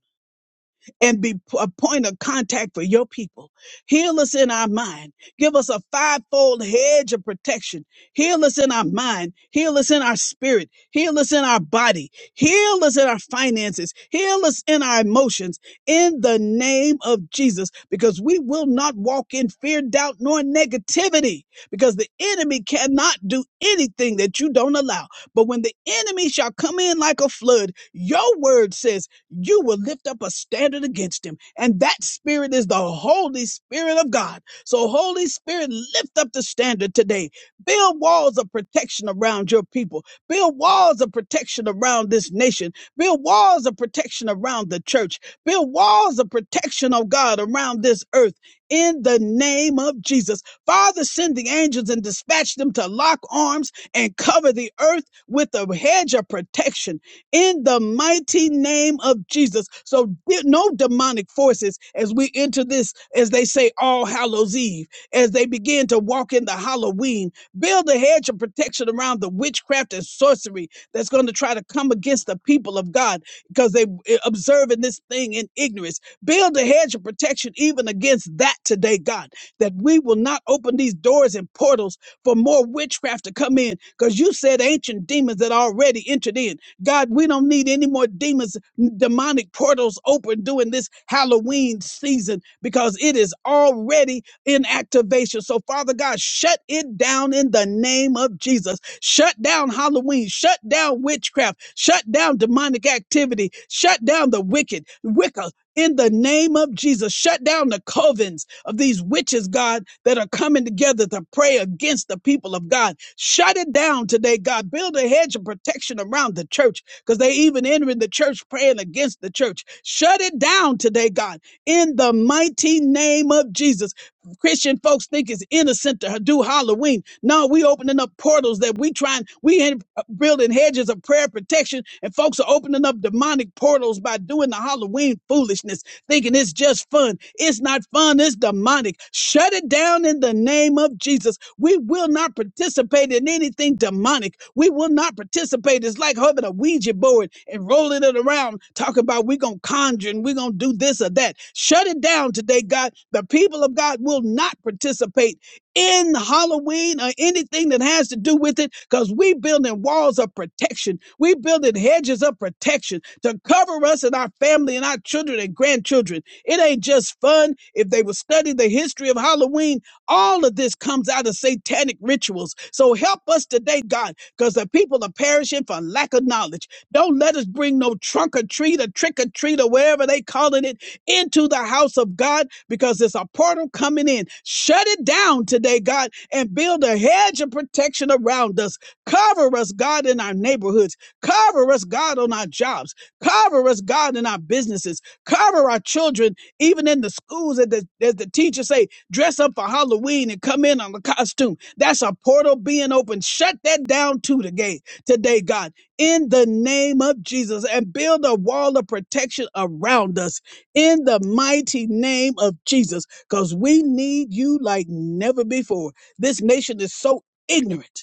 and be a point of contact for your people. Heal us in our mind. Give us a fivefold hedge of protection. Heal us in our mind. Heal us in our spirit. Heal us in our body. Heal us in our finances. Heal us in our emotions in the name of Jesus because we will not walk in fear, doubt, nor negativity because the enemy cannot do anything that you don't allow. But when the enemy shall come in like a flood, your word says, you will lift up a standard against him. And that spirit is the Holy Spirit of God. So, Holy Spirit, lift up the standard today. Build walls of protection around your people. Build walls of protection around this nation. Build walls of protection around the church. Build walls of protection, oh God, around this earth. In the name of Jesus. Father, send the angels and dispatch them to lock arms and cover the earth with a hedge of protection in the mighty name of Jesus. So de- no demonic forces as we enter this, as they say, All Hallows Eve, as they begin to walk into Halloween, build a hedge of protection around the witchcraft and sorcery that's going to try to come against the people of God because they eh, observing this thing in ignorance. Build a hedge of protection even against that today, God, that we will not open these doors and portals for more witchcraft to come in because you said ancient demons that already entered in. God, we don't need any more demons, demonic portals open during this Halloween season because it is already in activation. So, Father God, shut it down in the name of Jesus. Shut down Halloween. Shut down witchcraft. Shut down demonic activity. Shut down the wicked, Wicca in the name of Jesus. Shut down the covens of these witches, God, that are coming together to pray against the people of God. Shut it down today, God. Build a hedge of protection around the church because they even entering the church praying against the church. Shut it down today, God, in the mighty name of Jesus. Christian folks think it's innocent to do Halloween. No, we opening up portals that we trying, we ain't building hedges of prayer protection, and folks are opening up demonic portals by doing the Halloween foolishness thinking it's just fun. It's not fun, it's demonic. Shut it down in the name of Jesus. We will not participate in anything demonic. We will not participate. It's like having a Ouija board and rolling it around, talking about we're going to conjure and we're going to do this or that. Shut it down today, God. The people of God will not participate in Halloween or anything that has to do with it, because we building walls of protection. We building hedges of protection to cover us and our family and our children and grandchildren. It ain't just fun. If they would study the history of Halloween, all of this comes out of satanic rituals. So help us today, God, because the people are perishing for lack of knowledge. Don't let us bring no trunk or treat or trick or treat or wherever they calling it into the house of God because it's a portal coming in. Shut it down today, God, and build a hedge of protection around us. Cover us, God, in our neighborhoods. Cover us, God, on our jobs. Cover us, God, in our businesses. Cover our children, even in the schools. As the, as the teachers say, dress up for Halloween and come in on a costume. That's a portal being open. Shut that down to the gate today, God in the name of Jesus and build a wall of protection around us in the mighty name of Jesus because we need you like never before. This nation is so ignorant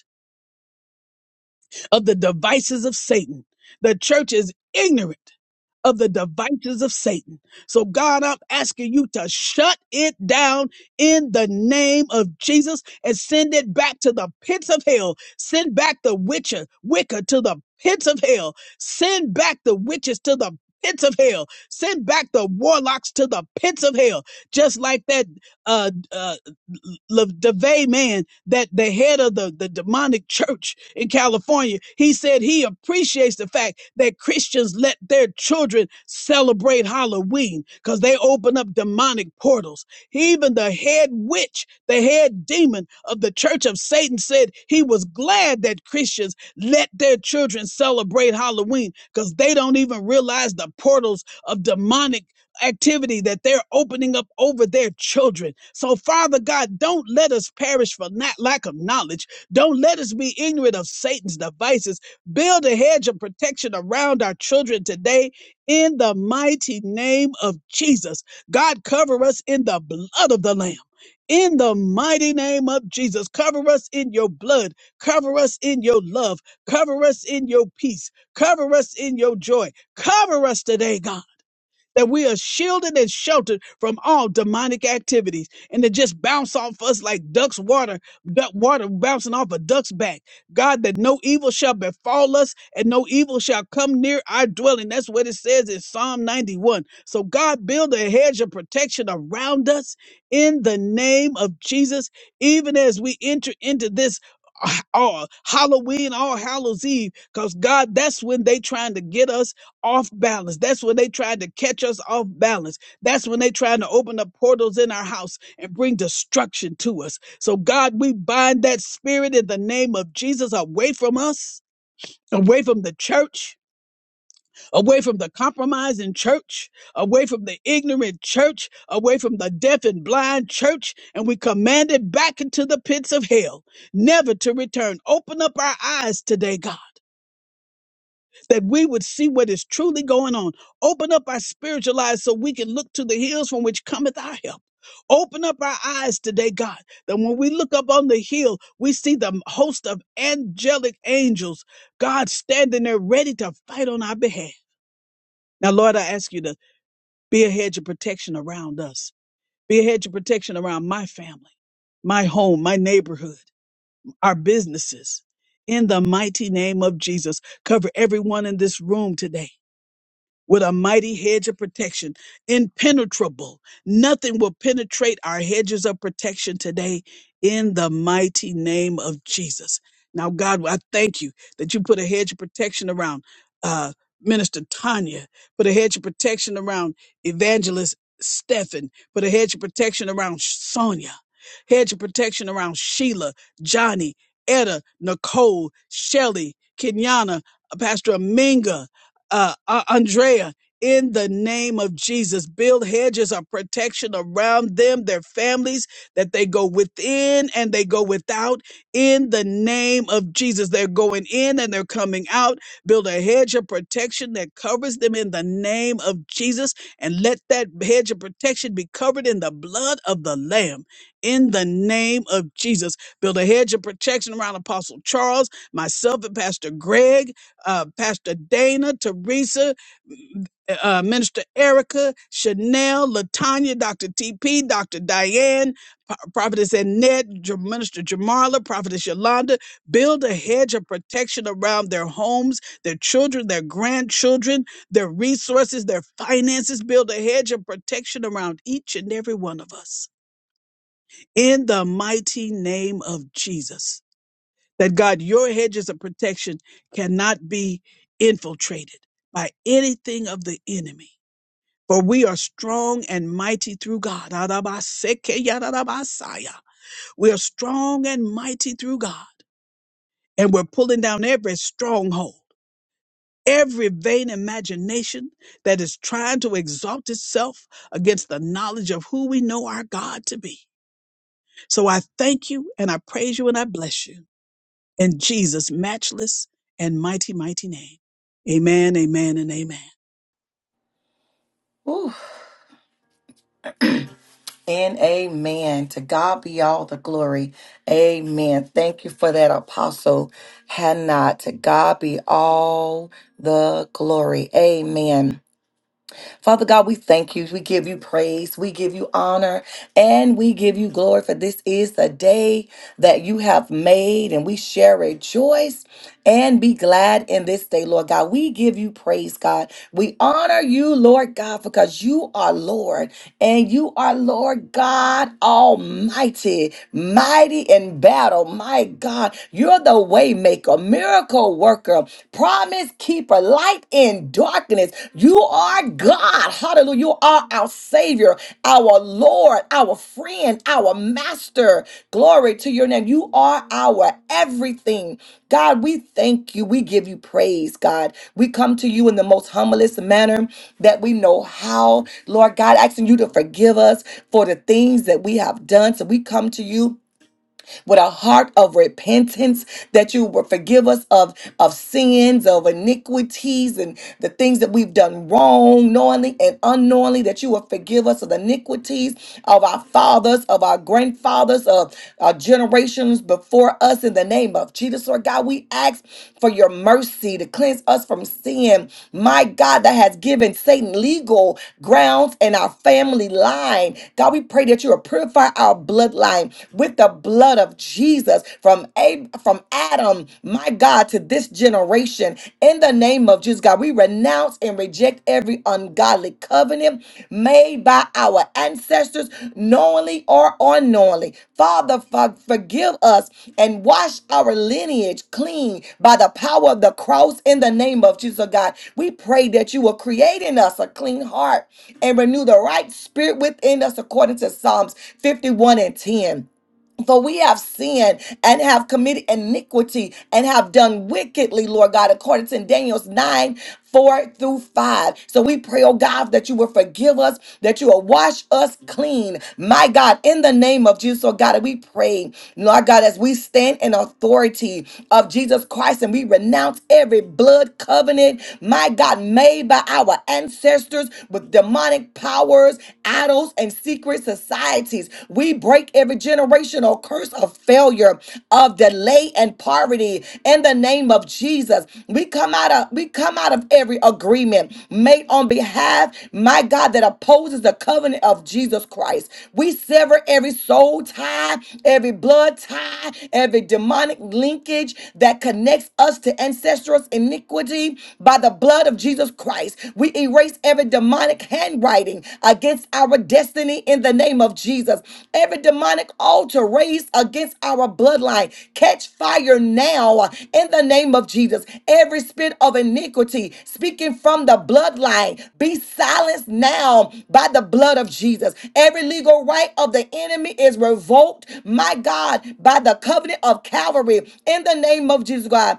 of the devices of Satan. The church is ignorant of the devices of Satan. So, God, I'm asking you to shut it down in the name of Jesus and send it back to the pits of hell. Send back the witcher, Wicca to the pits of hell. Send back the witches to the pits of hell. Send back the warlocks to the pits of hell. Just like that uh, uh LaVey man, that the head of the, the demonic church in California, he said he appreciates the fact that Christians let their children celebrate Halloween because they open up demonic portals. Even the head witch, the head demon of the church of Satan said he was glad that Christians let their children celebrate Halloween because they don't even realize the portals of demonic activity that they're opening up over their children. So, Father God, don't let us perish for not lack of knowledge. Don't let us be ignorant of Satan's devices. Build a hedge of protection around our children today in the mighty name of Jesus. God, cover us in the blood of the Lamb. In the mighty name of Jesus, cover us in your blood, cover us in your love, cover us in your peace, cover us in your joy, cover us today, God that we are shielded and sheltered from all demonic activities and to just bounce off us like ducks water duck water bouncing off a duck's back god that no evil shall befall us and no evil shall come near our dwelling that's what it says in psalm 91 so god build a hedge of protection around us in the name of jesus even as we enter into this uh, all Halloween, all Hallows Eve, because God, that's when they trying to get us off balance. That's when they tried to catch us off balance. That's when they tried to open up portals in our house and bring destruction to us. So, God, we bind that spirit in the name of Jesus away from us, away from the church, away from the compromising church, away from the ignorant church, away from the deaf and blind church. And we command it back into the pits of hell, never to return. Open up our eyes today, God that we would see what is truly going on. Open up our spiritual eyes so we can look to the hills from which cometh our help. Open up our eyes today, God, that when we look up on the hill, we see the host of angelic angels, God standing there ready to fight on our behalf. Now, Lord, I ask you to be a hedge of protection around us, be a hedge of protection around my family, my home, my neighborhood, our businesses. In the mighty name of Jesus, cover everyone in this room today with a mighty hedge of protection, impenetrable. Nothing will penetrate our hedges of protection today in the mighty name of Jesus. Now, God, I thank you that you put a hedge of protection around uh, Minister Tanya, put a hedge of protection around Evangelist Stephen, put a hedge of protection around Sonia, hedge of protection around Sheila, Johnny, Etta, Nicole, Shelly, Kenyana, uh, Pastor Aminga, uh, uh, Andrea, in the name of Jesus, build hedges of protection around them, their families, that they go within and they go without. In the name of Jesus, they're going in and they're coming out. Build a hedge of protection that covers them in the name of Jesus, and let that hedge of protection be covered in the blood of the Lamb. In the name of Jesus, build a hedge of protection around Apostle Charles, myself, and Pastor Greg uh, Pastor Dana, Teresa, uh, Minister Erica, Chanel, Latanya, Dr. TP, Dr. Diane, Pro- Prophetess Annette, J- Minister Jamarla, Prophetess Yolanda, build a hedge of protection around their homes, their children, their grandchildren, their resources, their finances. Build a hedge of protection around each and every one of us. In the mighty name of Jesus that God, your hedges of protection cannot be infiltrated by anything of the enemy. For we are strong and mighty through God. Arabaseke yararabasaya. We are strong and mighty through God. And we're pulling down every stronghold, every vain imagination that is trying to exalt itself against the knowledge of who we know our God to be. So I thank you and I praise you and I bless you. in Jesus' matchless and mighty, mighty name. Amen, amen, and amen. Whew. And amen. To God be all the glory. Amen. Thank you for that, Apostle Hannah. To God be all the glory. Amen. Father God, we thank you. We give you praise. We give you honor and we give you glory for this is the day that you have made and we shall rejoice and be glad in this day, Lord God. We give you praise, God. We honor you, Lord God, because you are Lord. And you are Lord God Almighty, mighty in battle. My God, you're the waymaker, miracle worker, promise keeper, light in darkness. You are God. Hallelujah. You are our Savior, our Lord, our friend, our master. Glory to your name. You are our everything. God, we thank you. We give you praise, God. We come to you in the most humblest manner that we know how. Lord God, asking you to forgive us for the things that we have done. So we come to you with a heart of repentance, that you will forgive us of, of sins, of iniquities, and the things that we've done wrong, knowingly and unknowingly, that you will forgive us of the iniquities of our fathers, of our grandfathers, of our generations before us in the name of Jesus. Lord God, we ask for your mercy to cleanse us from sin. My God, that has given Satan legal grounds in our family line. God, we pray that you will purify our bloodline with the blood of Jesus from Ab- from Adam, my God, to this generation. In the name of Jesus, God, we renounce and reject every ungodly covenant made by our ancestors, knowingly or unknowingly. Father, for- forgive us and wash our lineage clean by the power of the cross in the name of Jesus, God. We pray that you will create in us a clean heart and renew the right spirit within us according to Psalms 51 and 10. For we have sinned and have committed iniquity and have done wickedly, Lord God, according to Daniel's 9 4 through 5. So we pray, oh God, that you will forgive us, that you will wash us clean. My God, in the name of Jesus, oh God, and we pray, Lord God, as we stand in authority of Jesus Christ and we renounce every blood covenant, my God, made by our ancestors with demonic powers, idols and secret societies. We break every generational curse of failure, of delay and poverty in the name of Jesus. We come out of we come out of every agreement made on behalf, my God, that opposes the covenant of Jesus Christ. We sever every soul tie, every blood tie, every demonic linkage that connects us to ancestral iniquity by the blood of Jesus Christ. Christ. We erase every demonic handwriting against our destiny in the name of Jesus. Every demonic altar raised against our bloodline, catch fire now in the name of Jesus. Every spirit of iniquity speaking from the bloodline, be silenced now by the blood of Jesus. Every legal right of the enemy is revoked, my God, by the covenant of Calvary in the name of Jesus, God.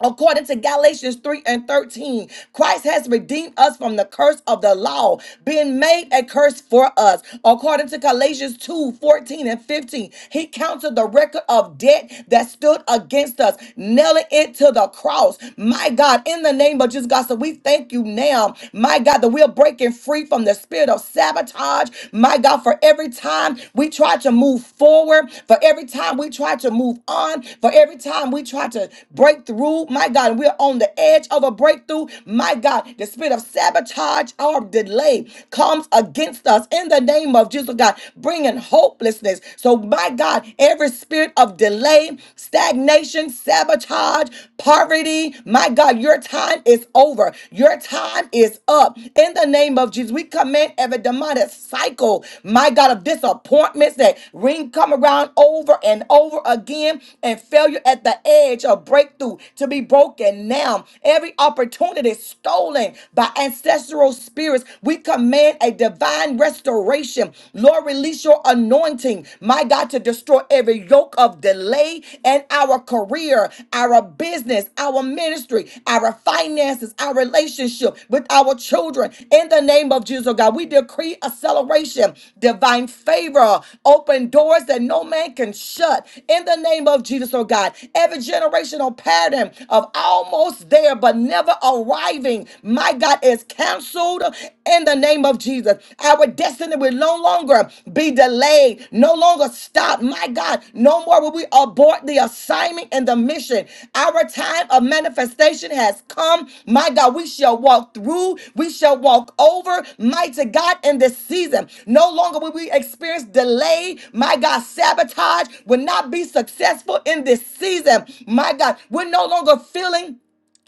According to Galatians 3 and 13, Christ has redeemed us from the curse of the law, being made a curse for us. According to Galatians 2 14 and 15, he counted the record of debt that stood against us, nailing it to the cross. My God, in the name of Jesus, God, so we thank you now, my God, that we're breaking free from the spirit of sabotage. My God, for every time we try try to move forward, for every time we try to move on, for every time we try to break through, my God, we're on the edge of a breakthrough. My God, the spirit of sabotage or delay comes against us in the name of Jesus, God, bringing hopelessness. So, my God, every spirit of delay, stagnation, sabotage, poverty, my God, your time is over. Your time time is up. In the name of Jesus, we command every demonic cycle, my God, of disappointments that ring come around over and over again and failure at the edge of breakthrough to be broken now. Every opportunity stolen by ancestral spirits, we command a divine restoration. Lord, release your anointing, my God, to destroy every yoke of delay, and our career, our business, our ministry, our finances, our relationship with our children. In the name of Jesus, oh God, we decree acceleration, divine favor, open doors that no man can shut. In the name of Jesus, oh God, every generational pattern of almost there but never arriving, my God, is canceled in the name of Jesus. Our destiny will no longer be delayed, no longer stopped. My God, no more will we abort the assignment and the mission. Our time of manifestation has come. My God, we shall walk through, we shall walk over, mighty God, in this season. No longer will we experience delay. My God, sabotage will not be successful in this season. My God, we're no longer feeling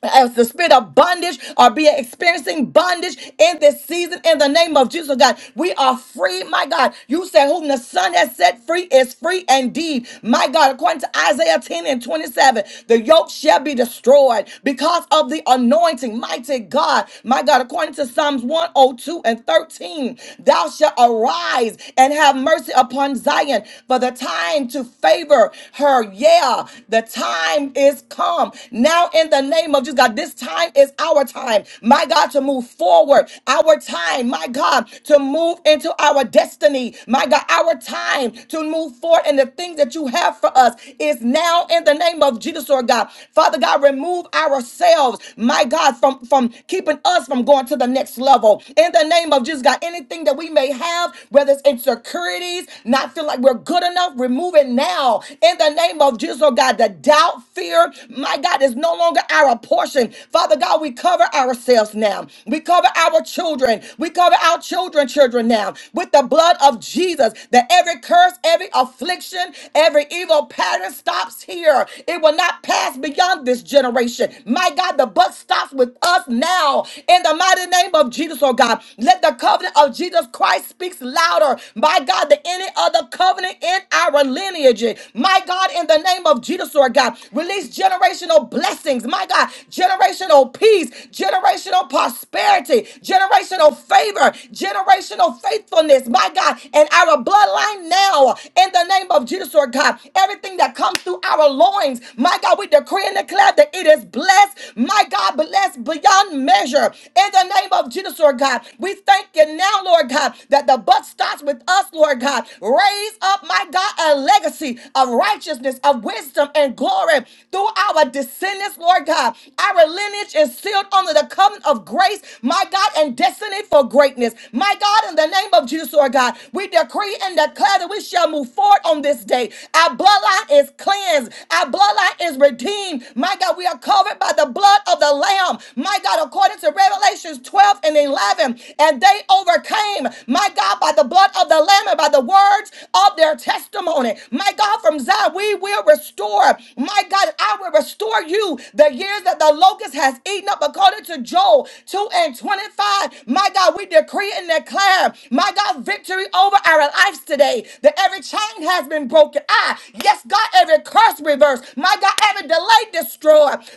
as the spirit of bondage or be experiencing bondage in this season in the name of Jesus God. We are free, my God. You said whom the Son has set free is free indeed. My God, according to Isaiah 10 and 27, the yoke shall be destroyed because of the anointing. Mighty God, my God, according to Psalms 102 and 13, thou shalt arise and have mercy upon Zion for the time to favor her. Yeah, the time time is come. Now, in the name of Jesus, God, this time is our time, my God, to move forward. Our time, my God, to move into our destiny. My God, our time to move forward and the things that you have for us is now in the name of Jesus, Lord God. Father God, remove ourselves, my God, from, from keeping us from going to the next level. In the name of Jesus, God, anything that we may have, whether it's insecurities, not feel like we're good enough, remove it even now in the name of Jesus, oh God. The doubt, fear, my God, is no longer our portion. Father God, we cover ourselves now. We cover our children. We cover our children, children now with the blood of Jesus. That every curse, every affliction, every evil pattern stops here. It will not pass beyond this generation. My God, the buck stops with us now. In the mighty name of Jesus, oh God, let the covenant of Jesus Christ speaks louder my God, than any other covenant in our lineage. My God, in the name of Jesus, Lord God, release generational blessings, my God, generational peace, generational prosperity, generational favor, generational faithfulness, my God, in our bloodline now, in the name of Jesus, Lord God, everything that comes through our loins, my God, we decree and declare that it is blessed, my God, blessed beyond measure, in the name of Jesus, Lord God, we thank thank you now, Lord God, that the buck starts with us, Lord God. Raise up, my God, a legacy of righteousness, of wisdom, and glory through our descendants, Lord God. Our lineage is sealed under the covenant of grace, my God, and destiny for greatness. My God, in the name of Jesus, Lord God, we decree and declare that we shall move forward on this day. Our bloodline is cleansed, our bloodline is redeemed. My God, we are covered by the blood of the Lamb. My God, according according to Revelations 12 and 11. And they overcame, my God, by the blood of the Lamb and by the words of their testimony. My God, from Zion, we will restore. My God, I will restore you the years that the locust has eaten up, according to Joel 2 and 25. My God, we decree and declare, my God, victory over our lives today. That every chain has been broken. I, yes, God, every curse reversed. My God, every delay destroyed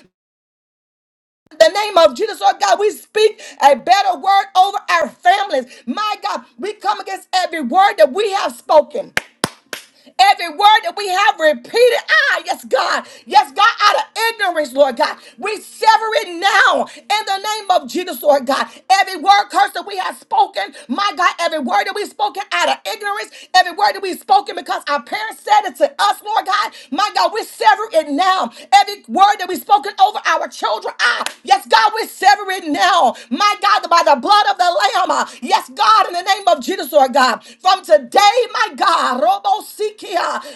the name of Jesus, Lord God, we speak a better word over our families. My God, we come against every word that we have spoken. Every word that we have repeated, ah, yes, God, yes, God, out of ignorance, Lord God, we sever it now in the name of Jesus, Lord God. Every word curse that we have spoken, my God, every word that we spoken out of ignorance, every word that we spoken because our parents said it to us, Lord God, my God, we sever it now. Every word that we spoken over our children, ah, yes, God, we sever it now, my God, by the blood of the Lamb, ah, yes, God, in the name of Jesus, Lord God, from today, my God,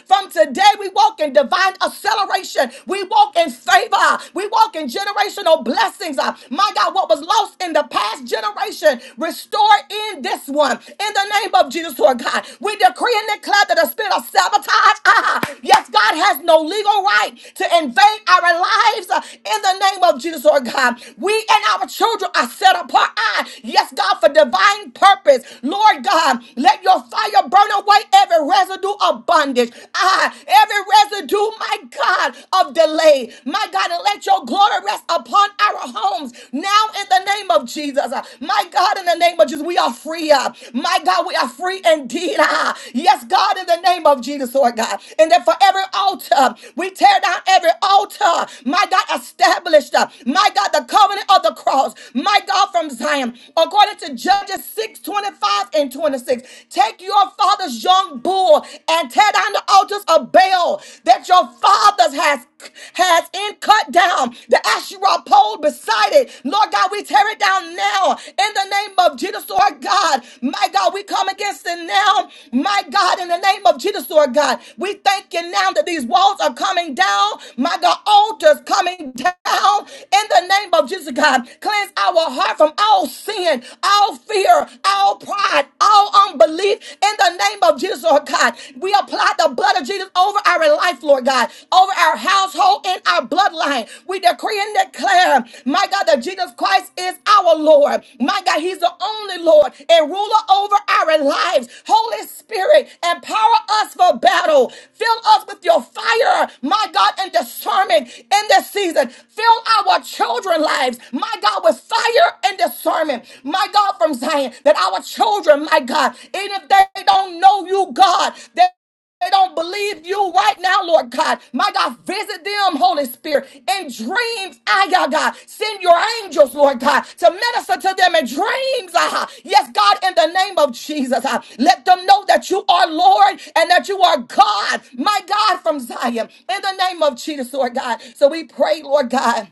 from today, we walk in divine acceleration. We walk in favor. We walk in generational blessings. Uh, My God, what was lost in the past generation, restored in this one. In the name of Jesus, Lord God, we decree and declare that the spirit of sabotage, ah, yes, God God has no legal right to invade our lives uh, in the name of Jesus, Lord God. We and our children are set apart. I, yes, God, for divine purpose. Lord God, let your fire burn away every residue of bondage. I, every residue, my God, of delay. My God, and let your glory rest upon our homes now in the name of Jesus. Uh, My God, in the name of Jesus, we are free. uh, My God, we are free free indeed. Ah, yes, God, in the name of Jesus, Lord God. And that for every altar, we tear down every altar. My God, established, uh, my God, the covenant of the cross. My God, from Zion, according to Judges 6 25 and 26. Take your father's young bull and tear down the altars of Baal that your fathers has has in cut down. The Asherah pole beside it. Lord God, we tear it down it down now in the name of Jesus, Lord God. My God, we come against it now. My God, in the name of Jesus, Lord God, we thank you now that these walls are coming down. My God, altars coming down in the name of Jesus, God. Cleanse our heart from all sin, all fear, all pride, all unbelief in the name of Jesus, Lord God. We apply the blood of Jesus over our life, Lord God, over our household and our bloodline. We decree and declare, my God, that Jesus Christ is our Lord. My God, He's the only Lord and ruler over our lives. Holy Spirit, empower us for battle. Fill us with your fire, my God, and discernment in this season. Fill our children's lives, my God, with fire and discernment, my God, from Zion, that our children, my God, even if they don't know you, God, that they don't believe you right now, Lord God. My God, visit them, Holy Spirit, in dreams. Ah, yeah, God, send your angels, Lord God, to minister to them in dreams. Ah, yes, God, in the name of Jesus, ah, let them know that you are Lord and that you are God, my God, from Zion, in the name of Jesus, Lord God. So we pray, Lord God.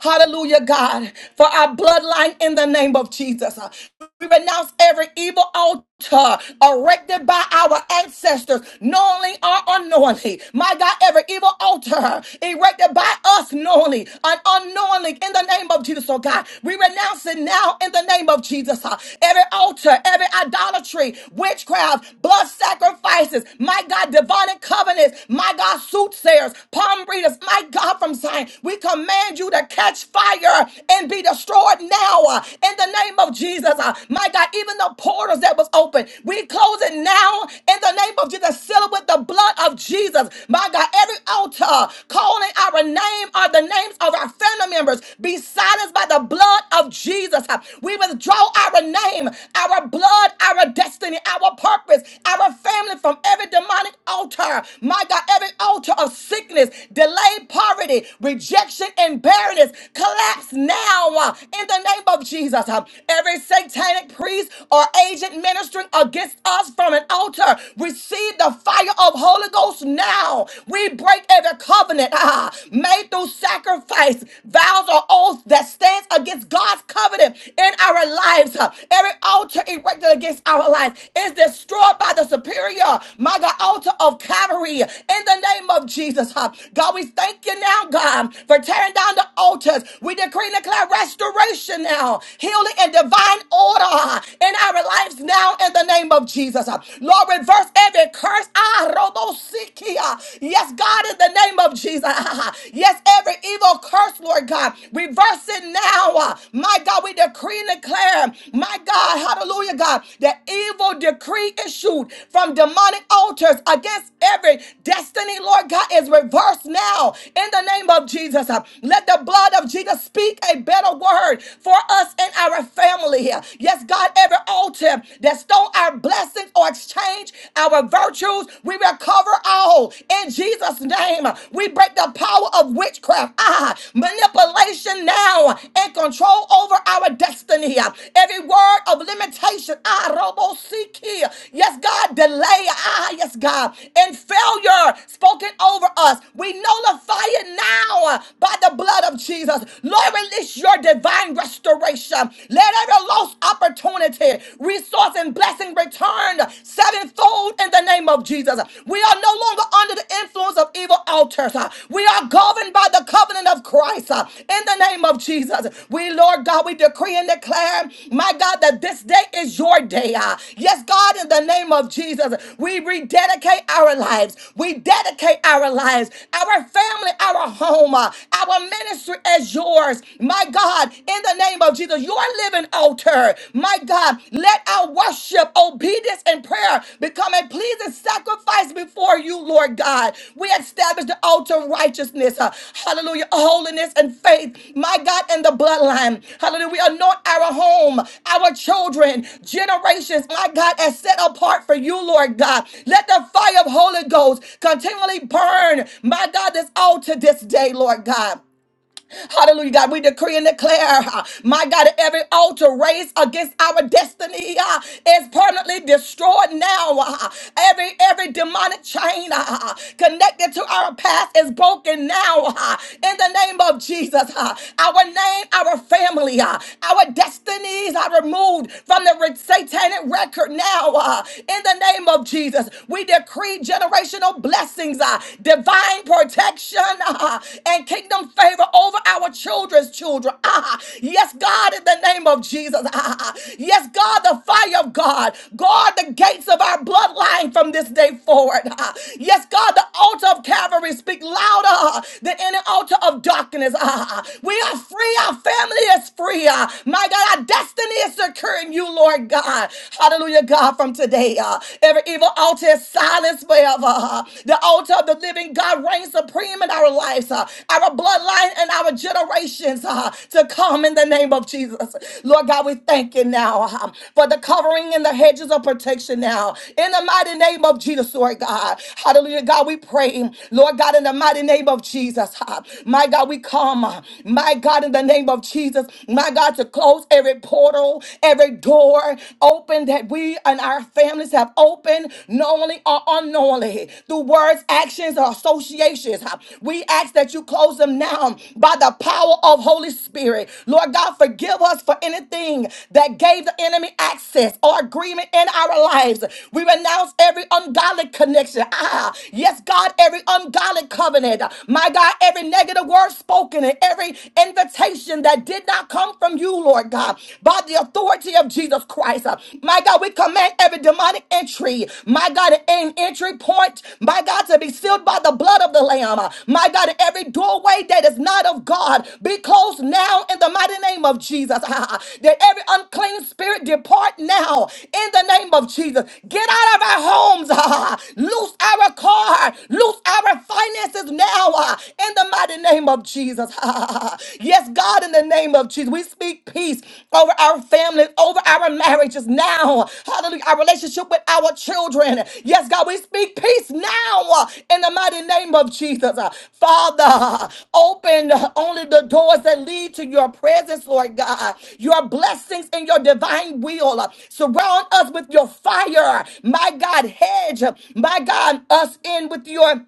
Hallelujah, God, for our bloodline in the name of Jesus. We renounce every evil altar erected by our ancestors, knowingly or unknowingly. My God, every evil altar erected by us knowingly and unknowingly in the name of Jesus, oh God. We renounce it now in the name of Jesus. uh. Every altar, every idolatry, witchcraft, blood sacrifices, my God, divine covenants, my God, soothsayers, palm readers, my God, from Zion. We command you to catch fire and be destroyed now uh, in the name of Jesus. uh, My God, even the portals that was open, we close it now in the name of Jesus. Seal it with the blood of Jesus. My God, every altar calling our name or the names of our family members be silenced by the blood of Jesus. uh, We withdraw our name, our blood, our destiny, our purpose, our family from every demonic altar. My God, every altar of sickness, delay, poverty, rejection, and barrenness burdens collapse now uh, in the name of Jesus. Uh, Every satanic priest or agent ministering against us from an altar, receive the fire of Holy Ghost now. We break every covenant ah, made through sacrifice, vows, or oath that stands against God's covenant in our lives. Uh, Every altar erected against our lives is destroyed by the superior, my God, altar of Calvary in the name of Jesus. Uh, God, we thank you now, God, for tearing down the the altars. We decree and declare restoration now, healing and divine order in our lives now in the name of Jesus. Lord, reverse every curse. Ah, robosikia. Yes, God, in the name of Jesus. Ah, Yes, every evil curse, Lord God, reverse it now. Ah, My God, we decree and declare, my God, hallelujah, God, that evil decree issued from demonic altars against every destiny, Lord God, is reversed now in the name of Jesus. Uh, Let the let the blood of Jesus speak a better word for us and our family here. Yes, God, every altar that stole our blessings or exchange our virtues, we recover all in Jesus' name. We break the power of witchcraft, ah, manipulation now, and control over our destiny. here. Every word of limitation, ah, robo seek here. Yes, God, delay, ah, yes, God, and failure spoken over us. We nullify it now by the blood blood of Jesus. Lord, release your divine restoration. Let every lost opportunity, resource, and blessing return sevenfold in the name of Jesus. We are no longer under the influence of evil altars. Uh, We are governed by the covenant of Christ uh, in the name of Jesus. We, Lord God, we decree and declare, my God, that this day is your day. uh. Yes, God, in the name of Jesus, we rededicate our lives. We dedicate our lives, our family, our home, uh, our your ministry as yours. My God, in the name of Jesus, your living altar. My God, let our worship, obedience, and prayer become a pleasing sacrifice before you, Lord God. We establish the altar of righteousness. uh, Hallelujah. Holiness and faith. My God, in the bloodline. Hallelujah. We anoint our home, our children, generations. My God, as set apart for you, Lord God. Let the fire of Holy Ghost continually burn. My God, this altar this day, Lord God. Hallelujah, God. We decree and declare, uh, my God, every altar raised against our destiny uh, is permanently destroyed now. uh, Every every demonic chain uh, connected to our past is broken now. uh, In the name of Jesus, uh, our name, our family, uh, our destinies are removed from the re- satanic record now. uh, In the name of Jesus, we decree generational blessings, uh, divine divine protection ah, and kingdom favor over our children's children. Ah, yes, God, in the name of Jesus. Ah, yes, God, the fire of God. Guard the gates of our bloodline from this day forward. Ah, yes, God, the altar of Calvary speak louder than any altar of darkness. Ah, we are free. Our family is free. Ah, my God, our destiny is secure in you, Lord God. Hallelujah, God, from today. ah, every evil altar is is silenced forever. huh? The altar of the living God reigns supreme in our lives, huh? our bloodline, and our generations huh? to come in the name of Jesus. Lord God, we thank you now huh? for the covering and the hedges of protection now. In the mighty name of Jesus, Lord God. Hallelujah, God, we pray. Lord God, in the mighty name of Jesus, huh? my God, we come. huh? My God, in the name of Jesus, my God, to close every portal, every door, opened, that we and our families have opened knowingly or unknowingly through words, actions, or associations. huh? We ask that you close them now by the power of Holy Spirit. Lord God, forgive us for anything that gave the enemy access or agreement in our lives. We renounce every ungodly connection. Ah, yes, God, every ungodly covenant. My God, every negative word spoken and every invitation that did not come from you you, Lord God, by the authority of Jesus Christ. Uh, My God, we command every demonic entry, my God, an entry point, my God, to be sealed by the blood of the Lamb. Uh, My God, every doorway that is not of God be closed now in the mighty name of Jesus. that every unclean spirit depart now in the name of Jesus. Get out of our homes, loose our car, loose our finances now uh, in the mighty name of Jesus. Jesus. yes, God, in the name of Jesus, we speak peace over our families, over our marriages now. Hallelujah. Our relationship with our children. Yes, God, we speak peace now in the mighty name of Jesus. Father, open only the doors that lead to your presence, Lord God. Your blessings and your divine will. Surround us with your fire. My God, hedge, my God, us in with your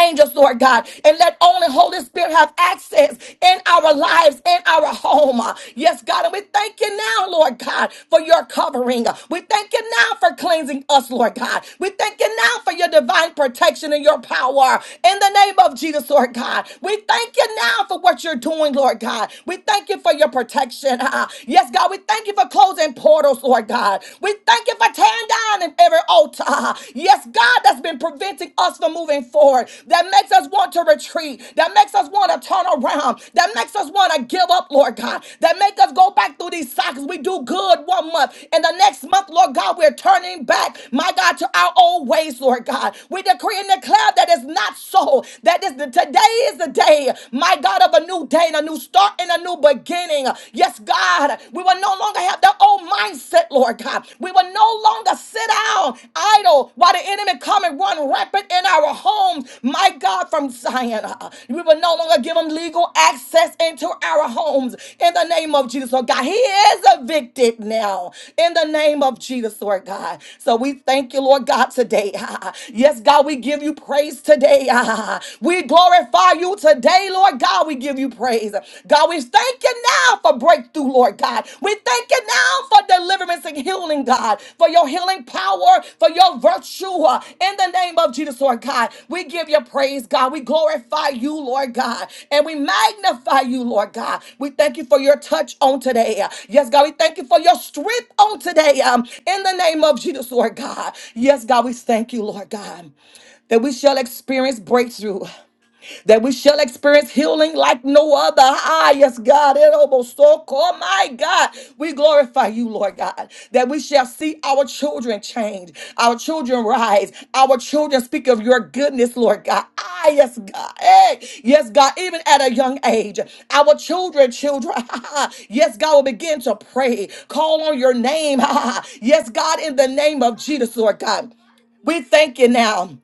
angels, Lord God, and let only Holy Spirit have access in our lives, in our home. Yes, God, and we thank you now, Lord God, for your covering. We thank you now for cleansing us, Lord God. We thank you now for your divine protection and your power. In the name of Jesus, Lord God, we thank you now for what you're doing, Lord God. We thank you for your protection. Ah, Yes, God, we thank you for closing portals, Lord God. We thank you for tearing down burning every altar, yes, God, that's been preventing us from moving forward, that makes us want to retreat, that makes us want to turn around, that makes us want to give up, Lord God, that make us go back through these cycles. We do good one month, and the next month, Lord God, we're turning back, my God, to our old ways, Lord God. We decree and declare that it's not so, that is the today is the day, my God, of a new day and a new start and a new beginning. Yes, God, we will no longer have that old mindset, Lord God. We will no longer sit down idle while the enemy come and run rampant in our homes, my God, from Zion. Uh, We will no longer give them legal access into our homes in the name of Jesus, Lord God. He is evicted now in the name of Jesus, Lord God. So we thank you, Lord God, today. Yes, God, we give you praise today. We glorify you today, Lord today, Lord God, we give you praise. God, we thank you now for breakthrough, Lord God. We thank you now for deliverance and healing, God, for your healing power, for your virtue. uh, In the name of Jesus, Lord God, we give you praise, God. We glorify you, Lord God, and we magnify you, Lord God. We thank you for your touch on today. Yes, God, we thank you for your strength on today. um, In the name of Jesus, Lord God. Yes, God, we thank you, Lord God that we shall experience breakthrough that we shall experience healing like no other. Ah, yes, God. It almost so call my God. We glorify you, Lord God, that we shall see our children change, our children rise, our children speak of your goodness, Lord God. Ah, yes, God. Hey, yes, God, even at a young age, our children, children, yes, God will begin to pray, call on your name. yes, God, in the name of Jesus, Lord God. We thank you now.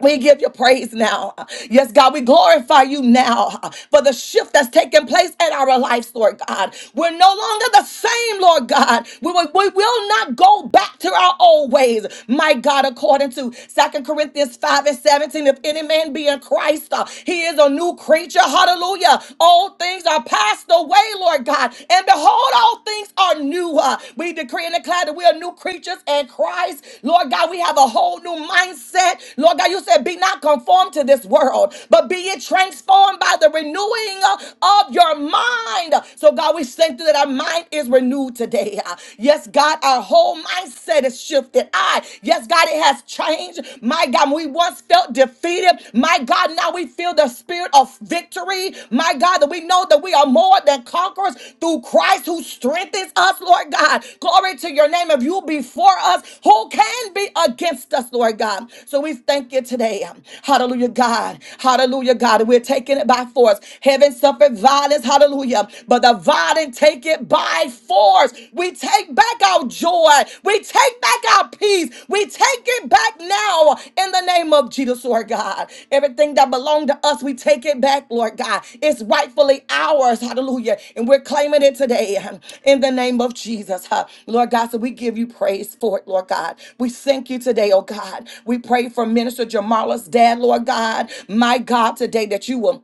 We give you praise now. Yes, God, we glorify you now for the shift that's taking place in our lives, Lord God. We're no longer the same, Lord God. We, will we will not go back to our old ways, my God, according to Second Corinthians 5 and 17. If any man be in Christ, uh, he is a new creature. Hallelujah. All things are passed away, Lord God. And behold, all things are are new. Uh, we decree and declare that we are new creatures in Christ. Lord God, we have a whole new mindset. Lord God, you said, be not conformed to this world, but be it transformed by the renewing uh, of your mind. So, God, we thank you that our mind is renewed today. Uh, Yes, God, our whole mindset is shifted. I, yes, God, it has changed. My God, we once felt defeated. My God, God, now we feel the spirit of victory. My God, that we know that we are more than conquerors through Christ who strengthens us, Lord God. Glory to your name. If you be for us, who can be against us, Lord God? So we thank you today. Hallelujah, God. Hallelujah, God. We're taking it by force. Heaven suffered violence. Hallelujah. But the violent take it by force. We take back our our joy. We take back our peace. We take it back now in the name of Jesus, Lord God. Everything that belonged to us, we take it back, Lord God. It's rightfully ours. Hallelujah. And we're claiming it today huh, in the name of Jesus. huh. Lord God, so we give you praise for it, Lord God. We thank you today, oh God. We pray for Minister Jamala's dad, Lord God. My God, today that you will.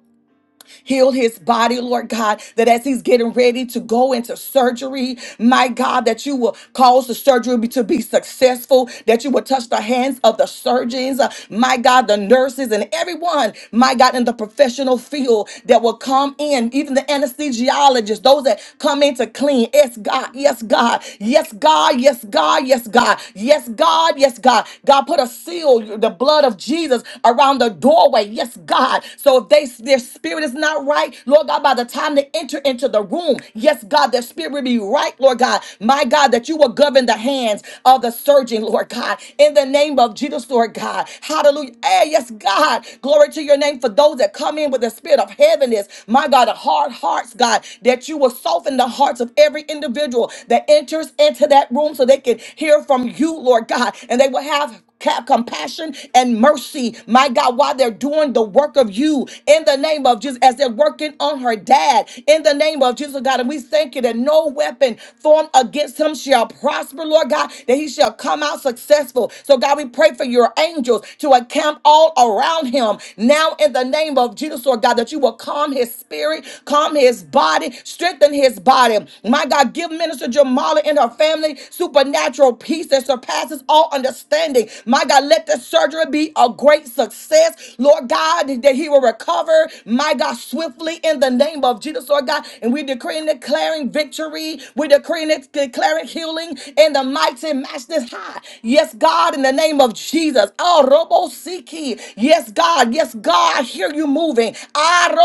Heal his body, Lord God, that as he's getting ready to go into surgery, my God, that you will cause the surgery to be successful, that you will touch the hands of the surgeons, uh, my God, the nurses, and everyone, my God, in the professional field that will come in, even the anesthesiologists, those that come in to clean. Yes, God, yes, God, yes, God, yes, God, yes, God, yes, God, yes, God. God, put a seal, the blood of Jesus. Jesus around the doorway. Yes, God. So if they their spirit is not right, Lord God, by the time they enter into the room, yes, God, their spirit will be right, Lord God. My God, that you will govern the hands of the surgeon, Lord God, in the name of Jesus, Lord God. Hallelujah. Hey, yes, God. Glory to your name for those that come in with the spirit of heaviness. My God, the hard hearts, God, that you will soften the hearts of every individual that enters into that room so they can hear from you, Lord God, and they will have ca- compassion and mercy, my God, while they're doing the work of you in the name of Jesus, as they're working on her dad in the name of Jesus, God. And we thank you that no weapon formed against him shall prosper, Lord God, that he shall come out successful. So, God, we pray for your angels to encamp all around him now in the name of Jesus, Lord God, that you will calm his spirit, calm his body, strengthen his body. My God, give him Minister Jamala and her family supernatural peace that surpasses all understanding. My God, let the surgery be a great success. Lord God, that he will recover, my God, swiftly in the name of Jesus, Lord God. And we decree and declaring victory. We're decreeing and declaring healing in the mighty matchless high. Yes, God, in the name of Jesus. Oh, Robo Siki. Yes, God. Yes, God. I hear you moving. Ah,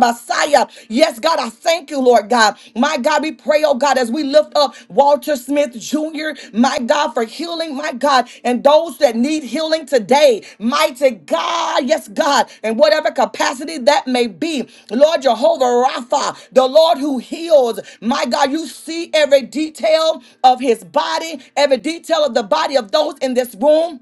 Messiah. Yes, God, I thank you, Lord God. My God, we pray, oh God, as we lift up Walter Smith Jr., my God, for healing, my God, and those that need healing today. Mighty God, yes, God, in whatever capacity that may be. Lord Jehovah Rapha, the Lord who heals. My God, you see every detail of his body, every detail of the body of those in this room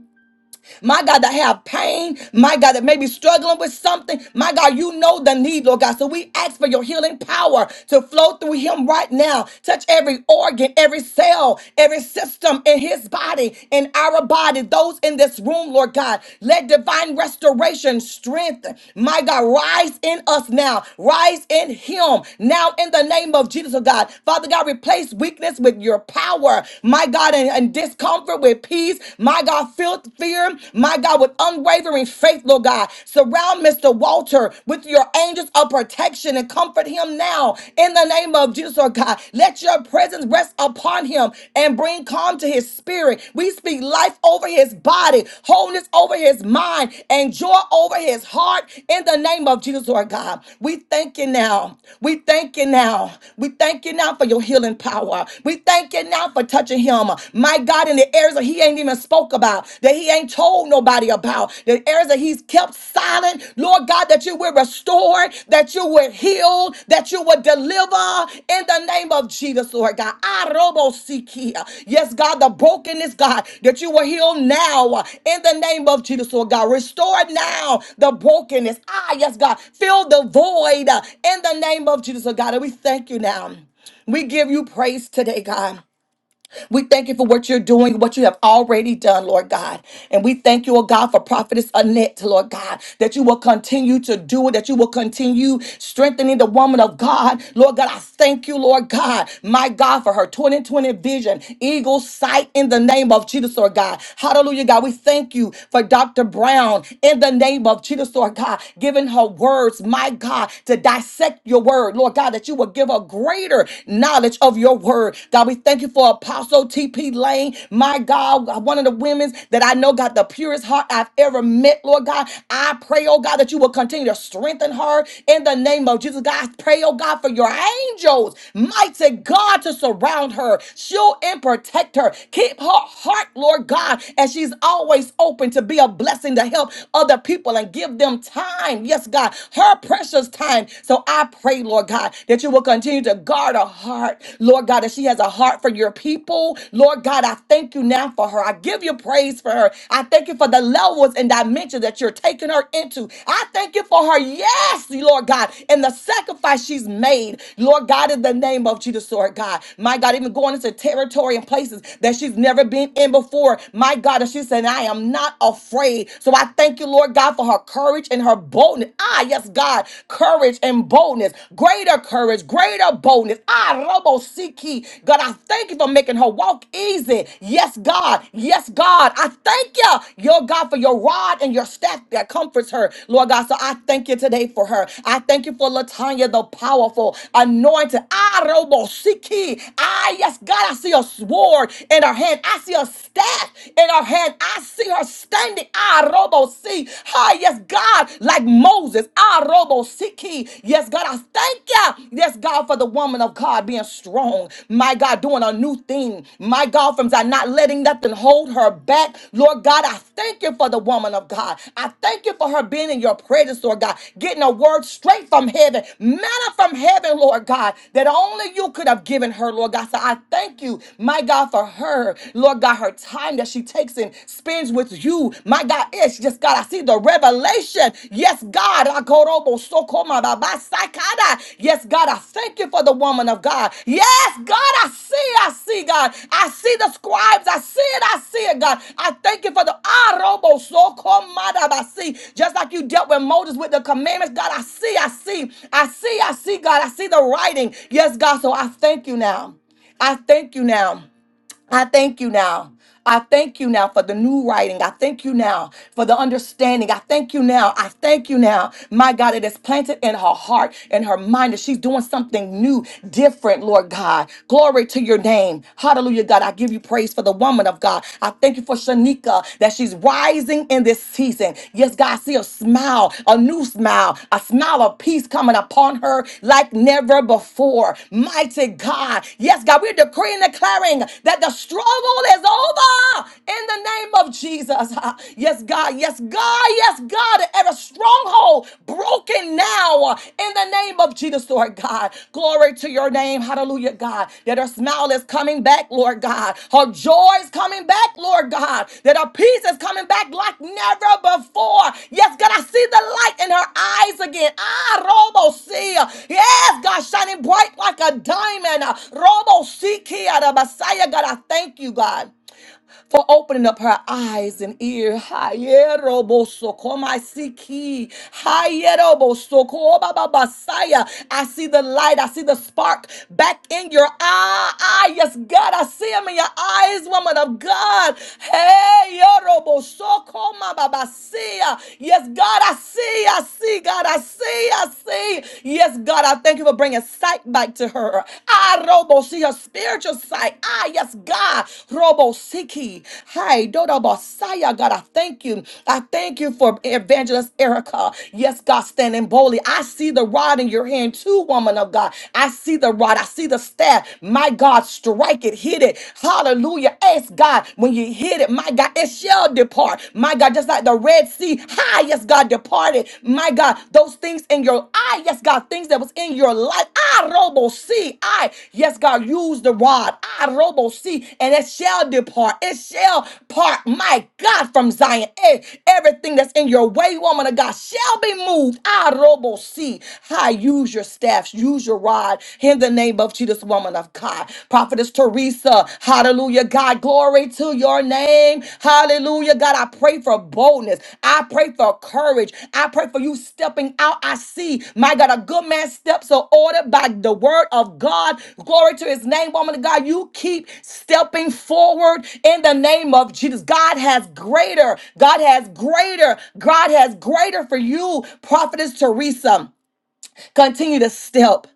my God, that have pain, my God, that may be struggling with something, my God, you know the need, Lord God. So we ask for your healing power to flow through him right now. Touch every organ, every cell, every system in his body, in our body, those in this room, Lord God. Let divine restoration, strength, my God, rise in us now, rise in him now in the name of Jesus, oh God. Father God, replace weakness with your power, my God, and, and discomfort with peace, my God, fill fear, my God, with unwavering faith, Lord God. Surround Mr. Walter with your angels of protection and comfort him now in the name of Jesus, Lord God. Let your presence rest upon him and bring calm to his spirit. We speak life over his body, wholeness over his mind, and joy over his heart in the name of Jesus, Lord God. We thank you now. We thank you now. We thank you now for your healing power. We thank you now for touching him. My God, in the areas that he ain't even spoke about, that he ain't told nobody about, the areas that he's kept silent, Lord God, that you will restore, that you will heal, that you will deliver in the name of Jesus, Lord God. Arobosikia. Yes, God, the brokenness, God, that you will heal now uh, in the name of Jesus, Lord God. Restore now the brokenness. Ah, yes, God. Fill the void uh, in the name of Jesus, Lord God. And we thank you now. We give you praise today, God. We thank you for what you're doing, what you have already done, Lord God. And we thank you, oh God, for Prophetess Annette, Lord God, that you will continue to do it, that you will continue strengthening the woman of God. Lord God, I thank you, Lord God, my God, for her 2020 vision, eagle sight in the name of Jesus, Lord God. Hallelujah, God. We thank you for Dr. Brown in the name of Jesus, Lord God, giving her words, my God, to dissect your word, Lord God, that you will give her greater knowledge of your word. God, we thank you for Apostle T.P. Lane, my God, one of the women that I know got the purest heart I've ever met, Lord God. I pray, oh God, that you will continue to strengthen her in the name of Jesus. God, I pray, oh God, for your angels, mighty God, to surround her, shield and protect her. Keep her heart, Lord God, as she's always open to be a blessing to help other people and give them time. Yes, God, her precious time. So so I pray, Lord God, that you will continue to guard her heart, Lord God, that she has a heart for your people. Lord God, I thank you now for her. I give you praise for her. I thank you for the levels and dimensions that you're taking her into. I thank you for her, yes, Lord God, and the sacrifice she's made, Lord God, in the name of Jesus, Lord God. My God, even going into territory and places that she's never been in before. My God, and she said, I am not afraid. So I thank you, Lord God, for her courage in her boldness. Ah, yes, God, courage and boldness, greater courage, greater boldness. Ah, Robo Siki. God, I thank you for making her walk easy. Yes, God. Yes, God. I thank you, your God, for your rod and your staff that comforts her. Lord God, so I thank you today for her. I thank you for Latanya, the powerful, anointed. Ah, Robo Siki. Ah, yes, God. I see a sword in her hand. I see a staff in her hand. I see her staff standing. Ah, robo see. Ah, yes, God, like Moses. Ah, robo siki. Yes, God, I thank you. Yes, God, for the woman of God being strong. My God, doing a new thing. My God, from Zion, not letting nothing hold her back. Lord God, I thank you for the woman of God. I thank you for her being in your presence, Lord God, getting a word straight from heaven, manna from heaven, Lord God, that only you could have given her, Lord God. So I thank you, my God, for her, Lord. Lord God, her time that she takes and spends with you. My God, it's just God, I see the revelation. Yes, God. I go robo sakada. Yes, God, I thank you for the woman of God. Yes, God, I see, I see, God. I see the scribes. I see it, I see it, God. I thank you for the ah, robo soko ma si. Just like you dealt with Moses with the commandments, God, I see, I see, I see, I see, God. I see the writing. Yes, God. So I thank you now. I thank you now. I thank you now. I thank you now for the new writing. I thank you now for the understanding. I thank you now. I thank you now. My God, it is planted in her heart and her mind that she's doing something new, different, Lord God. Glory to your name. Hallelujah, God. I give you praise for the woman of God. I thank you for Shanika that she's rising in this season. Yes, Yes, God, see a smile, a new smile, a smile of peace coming upon her like never before. Mighty God. Yes, God, we're decreeing and declaring that the struggle is over in the name of Jesus. Ah, Yes, God. Yes, God. Yes, God. Every stronghold broken now in the name of Jesus, Lord God. God. Glory to your name. Hallelujah, God. That her smile is coming back, Lord God. Her joy is coming back, Lord God. That her peace is coming back like never before. Yes, God, I see the light in her eyes again. Ah, Robo see. Yes, God, shining bright like a diamond. Ah, Robo see, Kia, the Messiah. God, I thank you, God for opening up her eyes and ear. Hayerobosokomaisiki. Hayerobosokobababasaya. I see the light. I see the spark back in your eye. Ah, Yes, God, I see him in your eyes, woman of God. Hey, yorobosokobababasaya. Yes, God, I see. I see. God, I see. I see. Yes, God, I thank you for bringing sight back to her. Ah, Robo, see her spiritual sight. Ah, yes, God. Robo, Siki. Hi, Dodo Bosaya. God, I thank you. I thank you for Evangelist Erica. Yes, God, standing boldly. I see the rod in your hand, too, woman of God. I see the rod. I see the staff. My God, strike it, hit it. Hallelujah. Ask God when you hit it, my God, it shall depart. My God, just like the red see how, yes, God, departed, my God, those things in your eye, yes, God, things that was in your life. I, Robo, see, I, yes, God, use the rod. I, Robo, see, and it shall depart. It shall part, my God, from Zion. Eh, Everything that's in your way, woman of God, shall be moved. I, Robo, see, how, use your staffs, use your rod in the name of Jesus, woman of God. Prophetess Teresa. Lisa. Hallelujah, God. Glory to your name. Hallelujah, God. I pray for boldness. I pray for courage. I pray for you stepping out. I see, my God, a good man's steps are ordered by the word of God. Glory to his name, woman of God. You keep stepping forward in the name of Jesus. God has greater. God has greater. God has greater for you, Prophetess Teresa. Continue to step.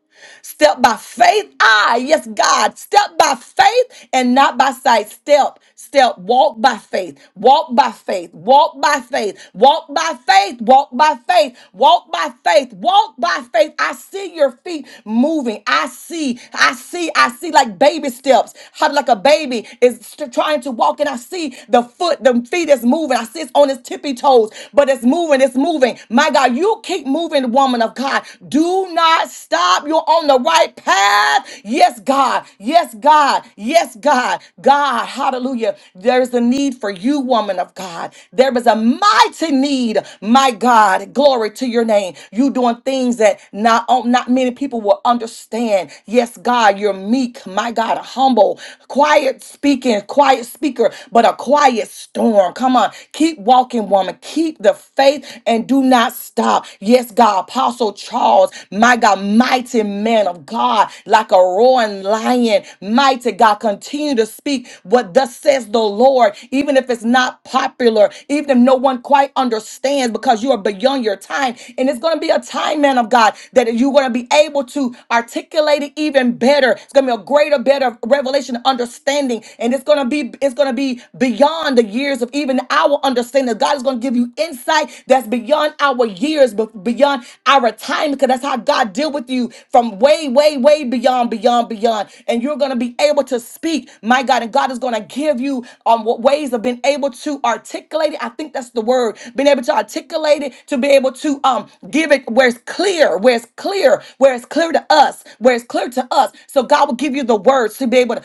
Step by faith. Ah, yes, God. Step by faith and not by sight. Step, step. Walk by faith. Walk by faith. Walk by faith. Walk by faith. Walk by faith. Walk by faith. Walk by faith. I see your feet moving. I see. I see. I see like baby steps. How like a baby is st- trying to walk, and I see the foot, the feet is moving. I see it's on its tippy toes, but it's moving. It's moving. My God, you keep moving, woman of God. Do not stop. You're on the right path. Yes, God. Yes, God. Yes, God. God. Hallelujah. There is a need for you, woman of God. There is a mighty need, my God. Glory to your name. You doing things that not, oh, not many people will understand. Yes, God. You're meek, my God. Humble, quiet speaking, quiet speaker, but a quiet storm. Come on. Keep walking, woman. Keep the faith and do not stop. Yes, God, Apostle Charles, my God, mighty man of God, like a roaring lion, mighty God, continue to speak what thus says the Lord, even if it's not popular, even if no one quite understands, because you are beyond your time. And it's going to be a time, man of God, that you're going to be able to articulate it even better. It's going to be a greater, better revelation, understanding, and it's going to be it's going to be beyond the years of even our understanding. God is going to give give you insight that's beyond our years, but beyond our time, because that's how God deal with you from way, way, way beyond, beyond, beyond. And you're gonna be able to speak, my God, and God is gonna give you um what ways of being able to articulate it. I think that's the word, being able to articulate it, to be able to um give it where it's clear, where it's clear, where it's clear to us, where it's clear to us. So God will give you the words to be able to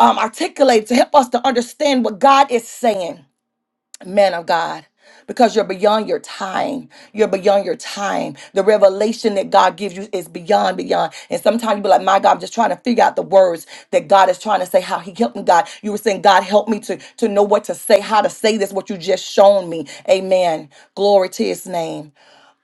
um, articulate to help us to understand what God is saying man of God. Because you're beyond your time. You're beyond your time. The revelation that God gives you is beyond, beyond. And sometimes you be like, my God, I'm just trying to figure out the words that God is trying to say, how He helped me, God. You were saying, God, help me to, to know what to say, how to say this, what you just shown me. Amen. Glory to His name.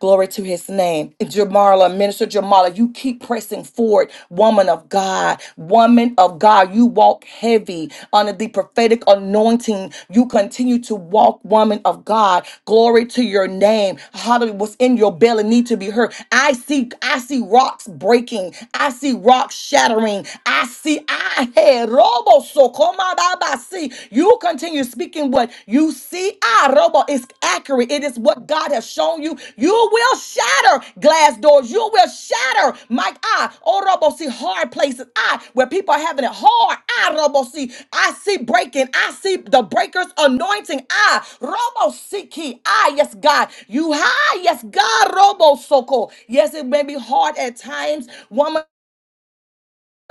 Glory to his name. Jamarla, Minister Jamala, you keep pressing forward, woman of God, woman of God. You walk heavy under the prophetic anointing. You continue to walk, woman of God. Glory to your name. Hallelujah. What's in your belly need to be heard. I see, I see rocks breaking. I see rocks shattering. I see, I had robo so come out. I see. You you continue speaking what you see. Ah, Robo is accurate. It is what God has shown you. You will shatter glass doors. You will shatter, Mike. Ah, oh, Robo, see hard places. Ah, where people are having it hard. Ah, Robo, see. I see breaking. I see the breaker's anointing. Ah, Robo, see key. Ah, yes, God. You high. Yes, God. Robo, soko. Yes, it may be hard at times. Woman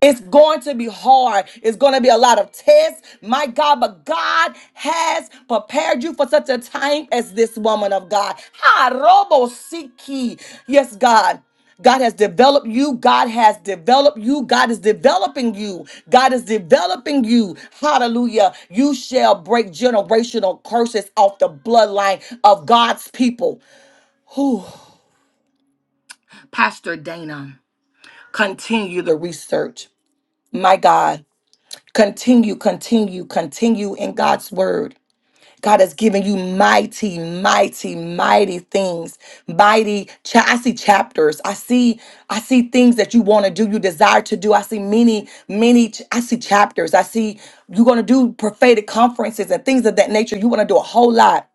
it's going to be hard. It's going to be a lot of tests, my God. But God has prepared you for such a time as this woman of God. Ha, robo siki. Yes, God. God has developed you. God has developed you. God is developing you. God is developing you. Hallelujah. You shall break generational curses off the bloodline of God's people. Whew. Pastor Dana, continue the research. My God. Continue, continue, continue in God's word. God has given you mighty, mighty, mighty things. Mighty, cha- I see chapters. I see, I see things that you want to do, you desire to do. I see many, many. ch- I see chapters. I see you're going to do prophetic conferences and things of that nature. You want to do a whole lot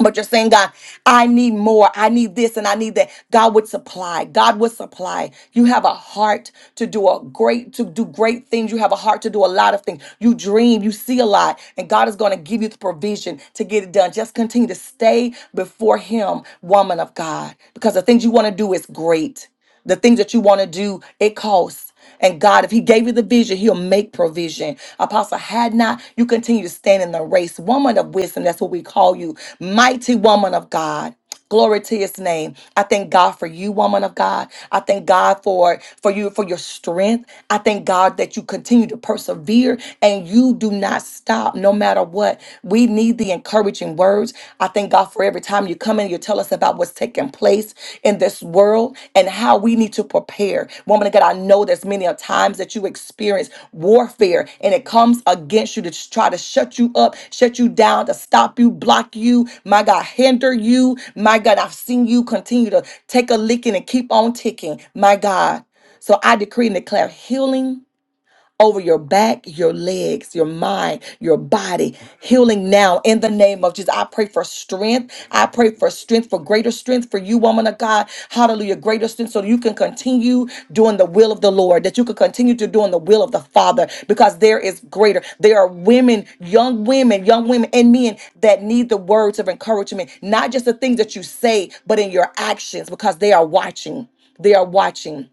but you're saying, God, I need more. I need this and I need that. God would supply. God would supply. You have a heart to do a great, to do great things. You have a heart to do a lot of things. You dream, you see a lot, and God is going to give you the provision to get it done. Just continue to stay before Him, woman of God, because the things you want to do is great the things that you want to do, it costs. And God, if He gave you the vision, He'll make provision. Apostle, had not you continue to stand in the race, woman of wisdom, that's what we call you, mighty woman of God. Glory to his name. I thank God for you, woman of God. I thank God for for you for your strength. I thank God that you continue to persevere and you do not stop no matter what. we we need the encouraging words. I thank God for every time you come in, you tell us about what's taking place in this world and how we need to prepare. Woman of God, I know there's many a times that you experience warfare and it comes against you to just try to shut you up, shut you down, to stop you, block you, my God, hinder you. My God, I've seen you continue to take a licking and keep on ticking. My God. So I decree and declare healing over your back, your legs, your mind, your body. Healing now in the name of Jesus. I pray for strength. I pray for strength, for greater strength for you, woman of God. Hallelujah. Greater strength so you can continue doing the will of the Lord, that you can continue to doing the will of the Father because there is greater. There are women, young women, young women and men that need the words of encouragement, not just the things that you say, but in your actions because they are watching. They are watching.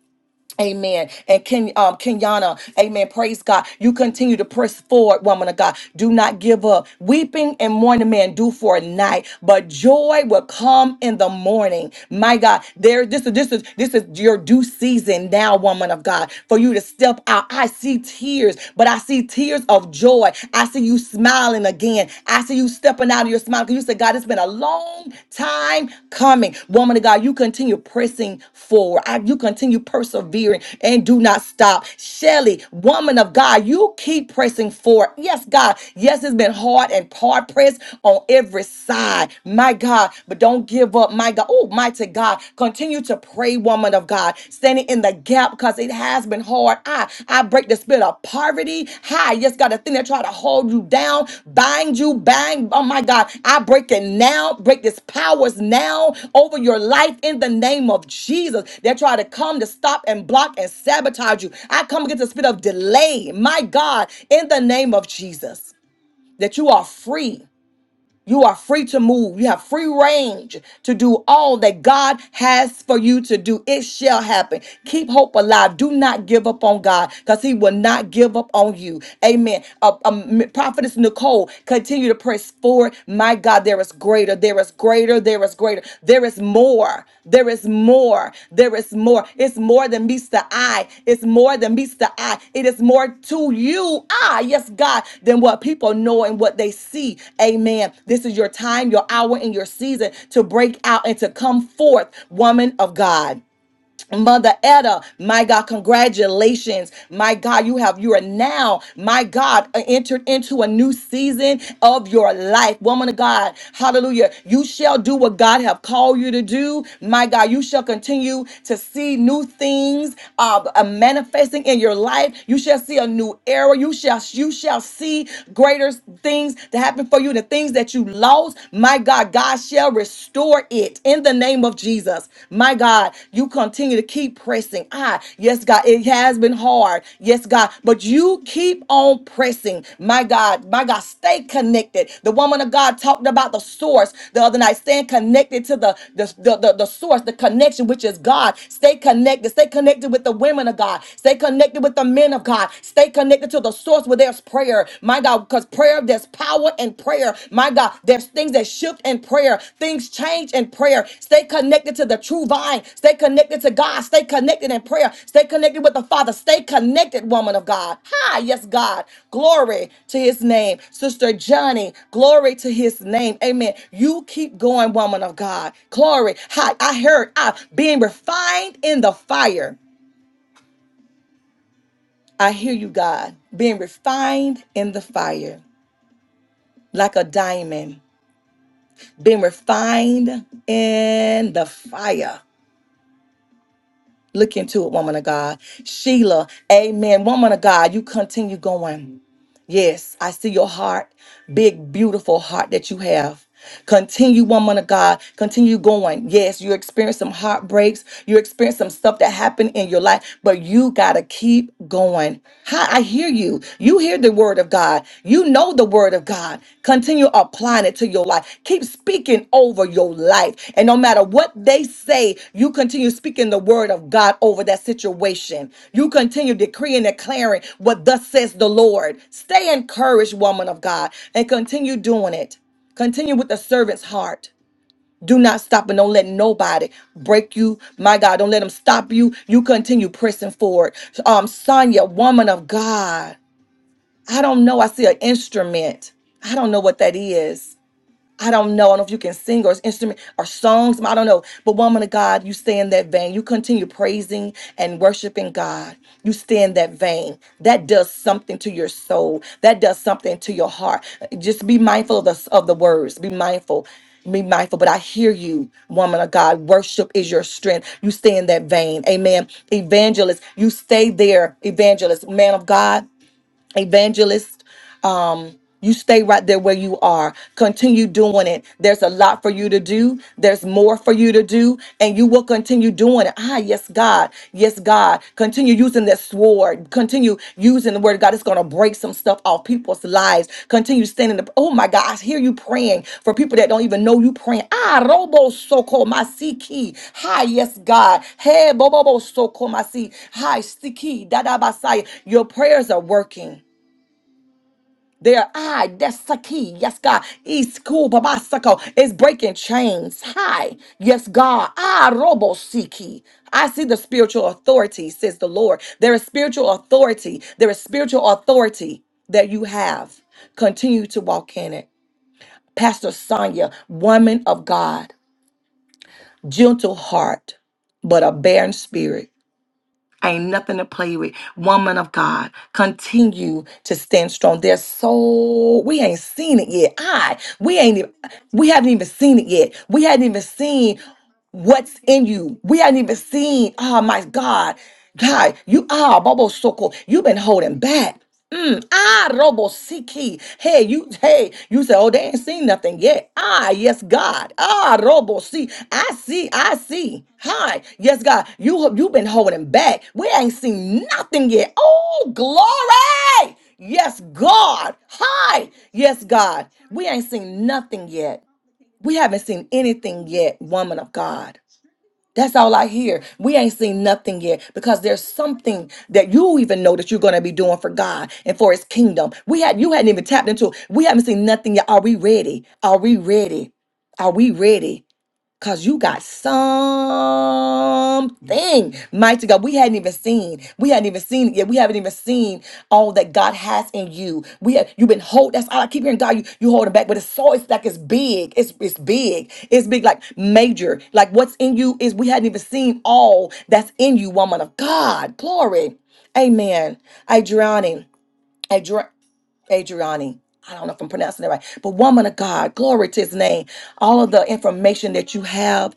Amen. And Ken, um, Kenyana, amen. Praise God. You continue to press forward, woman of God. Do not give up. Weeping and mourning man do for a night, but joy will come in the morning. My God, there, this is this is this is your due season now, woman of God, for you to step out. I see tears, but I see tears of joy. I see you smiling again. I see you stepping out of your smile because you said, God, it's been a long time coming. Woman of God, you continue pressing forward. I- you continue persevering and do not stop. Shelly, woman of God, you keep pressing forward. Yes, God. Yes, it's been hard and hard pressed on every side. My God, but don't give up. My God. Oh, mighty God. Continue to pray, woman of of God, standing in the gap because it has been hard. I I break the spirit of poverty. Hi, yes, God, the thing that try to hold you down, bind you, bang. Oh my God, I break it now. Break these powers now over your life in the name of Jesus. They try to come to stop and block and sabotage you. I come against the spirit of delay. My God, in the name of Jesus, that you are free you are free to move. You have free range to do all that God has for you to do. It shall happen. Keep hope alive. Do not give up on God because He will not give up on you. Amen. Uh, um, Prophetess Nicole, continue to press forward. My God, there is greater. There is greater. There is greater word. There is more. There is more. There is more. It's more than meets the eye. It's more than meets the eye. It is more to you, ah, yes, God, than what people know and what they see. Amen. This is your time, your hour, and your season to break out and to come forth, woman of God. Mother Etta, my God, congratulations. My God, you have, you are now, my God, uh, entered into a new season of your life. Woman of God, hallelujah. You shall do what God have called you to do. My God, you shall continue to see new things uh, uh, manifesting in your life. You shall see a new era. You shall, you shall see greater things to happen for you. The things that you lost, my God, God shall restore it in the name of Jesus. My God, you continue to keep pressing. Ah, yes, God, it has been hard. Yes, God, but you keep on pressing. My God, my God, stay connected. The woman of God talked about the source the other night, staying connected to the, the, the, the, the source, the connection, which is God. Stay connected. Stay connected with the women of God. Stay connected with the men of God. Stay connected to the source where there's prayer, my God, because prayer, there's power in prayer, my God. There's things that shift in prayer, things change in prayer. Stay connected to the true vine, stay connected to God, stay connected in prayer, stay connected with the Father, stay connected, woman of God. Hi, yes, God. Glory to his name, Sister Johnny. Glory to his name, amen. You keep going, woman of God. Glory. Hi, I heard I being refined in the fire. I hear you, God, being refined in the fire. like a diamond, being refined in the fire. Look into it, woman of God. Sheila, amen. Woman of God, you continue going. Yes, I see your heart, big, beautiful heart that you have. Continue, woman of God. Continue going. Yes, you experience some heartbreaks. You experience some stuff that happened in your life, but you got to keep going. Hi, I hear you. You hear the word of God. You know the word of of God. Continue applying it to your life. Keep speaking over your life. And no matter what they say, you continue speaking the word of God over that situation. You continue decreeing and declaring what thus says the Lord. Stay encouraged, woman of God, and continue doing it. Continue with the servant's heart. Do not stop and don't let nobody break you. My God, don't let them stop you. You continue pressing forward. Um, Sonia, woman of God. I don't know. I see an instrument. I don't know what that is. I don't know. I don't know if you can sing or it's instrument or songs. I don't know. But woman of God, you stay in that vein. You continue praising and worshiping God. You stay in that vein. That does something to your soul. That does something to your heart. Just be mindful of the of the words. Be mindful. Be mindful. But I hear you, woman of God. Worship is your strength. You stay in that vein. Amen. Evangelist, you stay there. Evangelist, man of God evangelist um you stay right there where you are continue doing it there's a lot for you to do there's more for you to do and you will continue doing it ah yes god yes god continue using that sword continue using the word of god it's going to break some stuff off people's lives continue standing up oh my god i hear you praying for people that don't even know you praying ah robo soko masiki hi yes god hey bobo soko masi hi siki dadabasai your prayers are working their eye, that's the key. Yes, God. East cool, babasako is breaking chains. Hi. Yes, God. Ah, robo siki. I see the spiritual authority, says the Lord. There is spiritual authority. There is spiritual authority that you have. Continue to walk in it. Pastor Sonia, woman of God, gentle heart, but a barren spirit. Ain't nothing to play with. Woman of God, continue to stand strong. There's so we ain't seen it yet. I we ain't even we haven't even seen it yet. We hadn't even seen what's in you. We hadn't even seen. Oh my God. God, you are Bobo Soko. You've been holding back. Mm, ah, Robo Siki. Hey, you, hey, you said, oh, they ain't seen nothing yet. Ah, yes, God. Ah, Robo see. I see, I see. Hi, yes, God. You you've been holding back. We ain't seen nothing yet. Oh, glory. Yes, God. Hi. Yes, God. We ain't seen nothing yet. We haven't seen anything yet, woman of God. That's all I hear. We ain't seen nothing yet because there's something that you even know that you're going to be doing for God and for his kingdom. We had you hadn't even tapped into. it. We haven't seen nothing yet. Are we ready? Are we ready? Are we ready? Cause you got something mighty God. We hadn't even seen. We hadn't even seen it yet. We haven't even seen all that God has in you. We have you've been hold that's all I keep hearing God, you you holding back, but it's so it's like it's big. It's it's big. It's big, like major. Like what's in you is we hadn't even seen all that's in you, woman of God. Glory. Amen. I drowning. Adri- Adriani. I don't know if I'm pronouncing it right, but woman of God, glory to his name. All of the information that you have,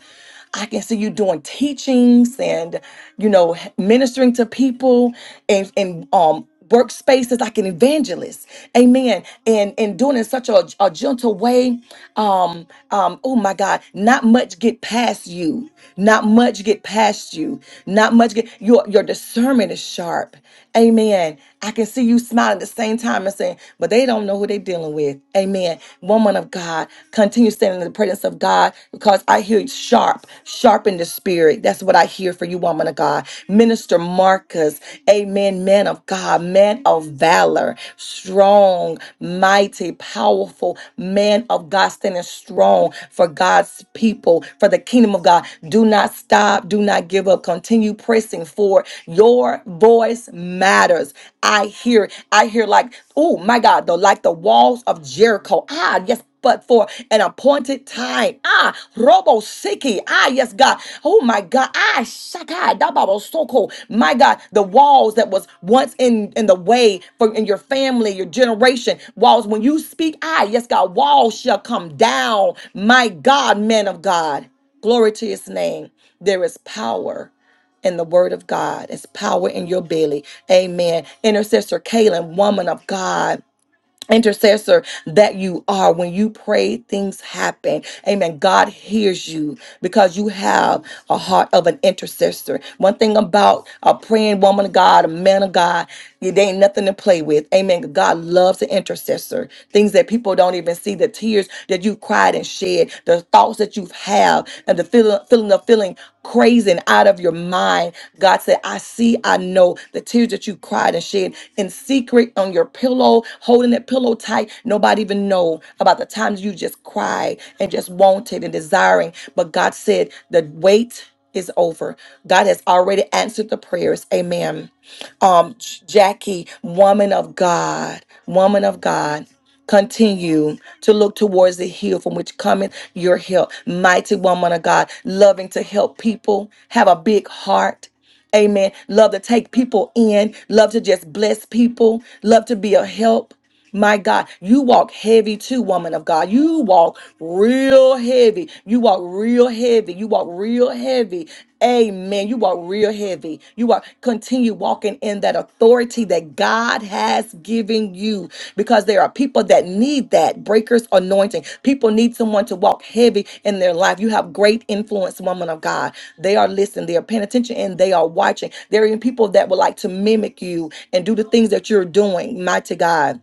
I can see you doing teachings and, you know, ministering to people and, and, um, workspaces like an evangelist amen and and doing it in such a, a gentle way um um oh my god not much get past you not much get past you not much get your your discernment is sharp Amen. I can see you smiling at the same time and saying, but they don't know who they're dealing with. Amen. Woman of God, continue standing in the presence of God because I hear sharp, sharpen the spirit. That's what I hear for you, woman of God. Minister Marcus, amen. Man of God, man of valor, strong, mighty, powerful man of God, standing strong for God's people, for the kingdom of God. Do not stop. Do not give up continue pressing for your voice matters. I hear, I hear like, oh my God, the like the walls of Jericho. Ah, yes. But for an appointed time. Ah, Robo Siki. Ah, yes, God. Oh my God. Ah, Shakai. Dababo Soko. My God. The walls that was once in, in the way for in your family, your generation. Walls. When you speak, ah, yes, God, walls shall come down. My God, man of God. Glory to his name. There is power and the word of God. It's power in your belly. Amen. Intercessor Kaylin, woman of God. Intercessor that you are. When you pray, things happen. Amen. God hears you because you have a heart of an intercessor. One thing about a praying woman of God, a man of God, it ain't nothing to play with. Amen. God loves an intercessor. Things that people don't even see, the tears that you cried and shed, the thoughts that you've had out and the feeling, feeling of feeling crazy and out of your mind. God said, I see, I know the tears that you cried and shed in secret on your pillow, holding that pillow tight. Nobody even know about the times you just cried and just wanted and desiring. But God said, the wait is over. God has already answered the prayers. Amen um, Jackie, woman of God, woman of God. Continue to look towards the hill from which cometh your help. Mighty woman of God, loving to help people, have a big heart. Amen. Love to take people in, love to just bless people, love to be a help. My God, you walk heavy too, woman of God. You walk real heavy. You walk real heavy. You walk real heavy. Amen. You walk real heavy. You walk continue walking in that authority that God has given you because there are people that need that breaker's anointing. People need someone to walk heavy in their life. You have great influence, woman of God. They are listening, they are paying attention, and they are watching. There are even people that would like to mimic you and do the things that you're doing. Mighty God.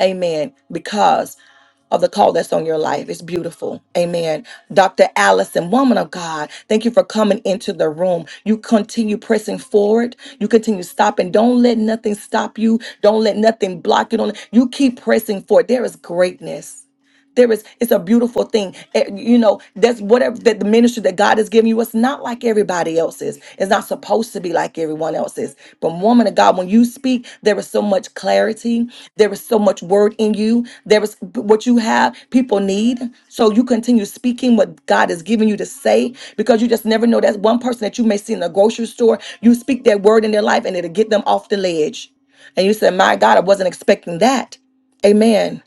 Amen. Because of the call that's on your life. It's beautiful. Amen. Dr. Allison, woman of God, thank you for coming into the room. You continue pressing forward. You continue stopping. Don't let nothing stop you. Don't let nothing block you. Don't, you keep pressing forward. There is greatness. There is, it's a beautiful thing. Eh, You know, that's whatever that the ministry that God has given you, it's not like everybody else's. It's not supposed to be like everyone else's. But woman of God, when you speak, there is so much clarity. There is so much word in you. There is what you have, people need. So you continue speaking what God has given you to say because you just never know. That's one person that you may see in the grocery store. You speak that word in their life and it'll get them off the ledge. And you said, My God, I wasn't expecting that. Amen.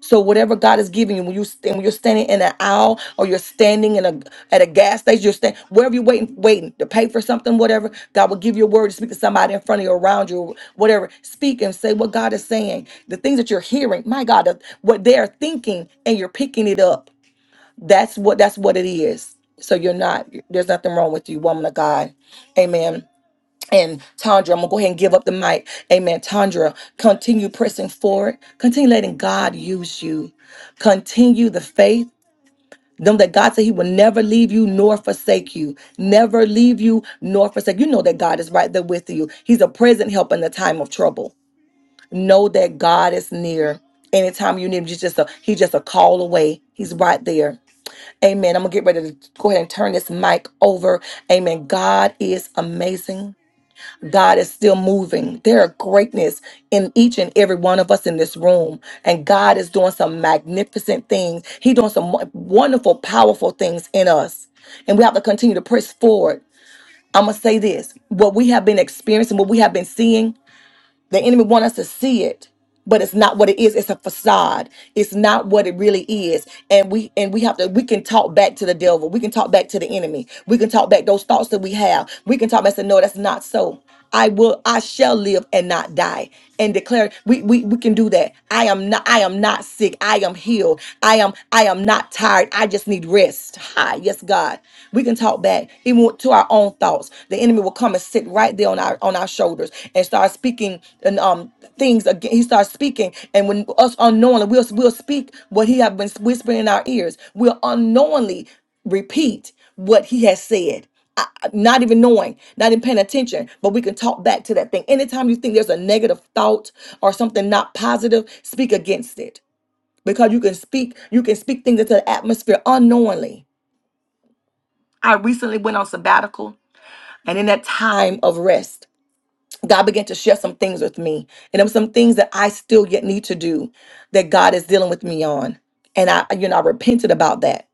So whatever God is giving you, when you stand, when you're standing in an aisle or you're standing in a at a gas station, you're standing wherever you're waiting, waiting to pay for something, whatever. God will give you a word to speak to somebody in front of you, around you, whatever. Speak and say what God is saying. The things that you're hearing, my God, the- what they're thinking, and you're picking it up. That's what that's what it is. So you're not. There's nothing wrong with you, woman of God. Amen and Tandra, I'm gonna go ahead and give up the mic. Amen. Tandra, continue pressing forward. Continue letting God use you. Continue the faith. Know that God said He will never leave you nor forsake you. Never leave you nor forsake. You know that God is right there with you. He's a present help in the time of trouble. Know that God is near. Anytime you need him, he's just a he's just a call away. He's right there. Amen. I'm gonna get ready to go ahead and turn this mic over. Amen. God is amazing. God is still moving. There are greatness in each and every one of us in this room. And God is doing some magnificent things. He's doing some wo- wonderful, powerful things in us. And we have to continue to press forward. I'm going to say this what we have been experiencing, what we have been seeing the enemy want us to see it, but it's not what it is. It's a facade. It's not what it really is. And we and we have to we can talk back to the devil. We can talk back to the enemy. We can talk back those thoughts that we have. We can talk back and say, no, that's not so. I will I shall live and not die and declare we, we we can do that. I am not I am not sick. I am healed. I am I am not tired. I just need rest. Hi, yes, God. We can talk back to our own thoughts. The enemy will come and sit right there on our on our shoulders and start speaking and um things again. He starts speaking, and when us unknowingly, we'll we'll speak what he have been whispering in our ears. We'll unknowingly repeat what he has said. I- I- Not even knowing, not even paying attention, but we can talk back to that thing. Anytime you think there's a negative thought or something not positive, speak against it because you can speak. You can speak things into the atmosphere unknowingly. I recently went on sabbatical and in that time of rest, God began to share some things with me. And there were some things that I still yet need to do that God is dealing with me on. And I, you know, I repented about that.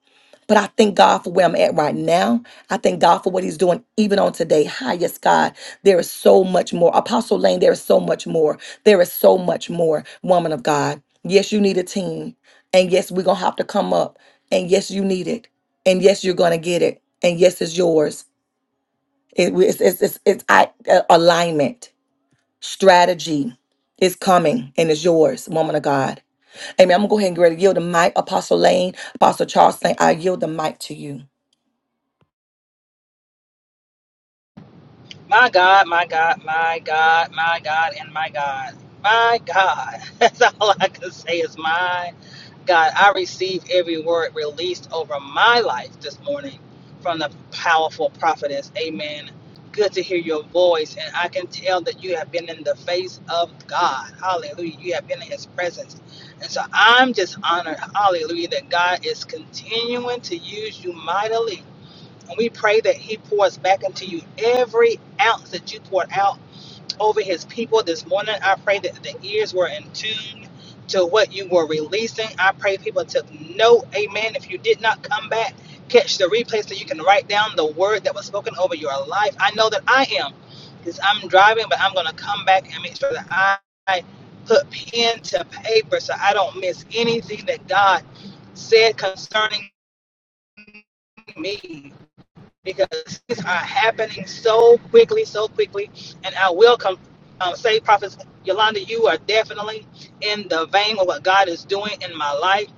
But I thank God for where I'm at right now. I thank God for what He's doing even on today. Hi, yes, God. There is so much more. Apostle Lane, there is so much more. There is so much more, woman of God. Yes, you need a team. And yes, we're going to have to come up. And yes, you need it. And yes, you're going to get it. And yes, it's yours. It, it's, it's, it's, it's I, uh, alignment, strategy is coming and it's yours, woman of God. Amen. I'm going to go ahead and get ready to yield the mic. Apostle Lane, Apostle Charles, Lane, I yield the mic to you. My God, my God, my God, my God, and my God. My God. That's all I can say is my God. I receive every word released over my life this morning from the powerful prophetess. Amen. Good to hear your voice, and I can tell that you have been in the face of God. Hallelujah. You have been in His presence. And so I'm just honored, hallelujah, that God is continuing to use you mightily and we pray that He pours back into you every ounce that you poured out over His people this morning. I pray that the ears were in tune to what you were releasing. I pray people took note. Amen. If you did not come back, catch the replay so you can write down the word that was spoken over your life. I know that I am because I'm driving, but I'm going to come back and make sure that I I put pen to paper so I don't miss anything that God said concerning me because things are happening so quickly, so quickly. And I will come, um, say, Prophet Yolanda, you are definitely in the vein of what God is doing in my life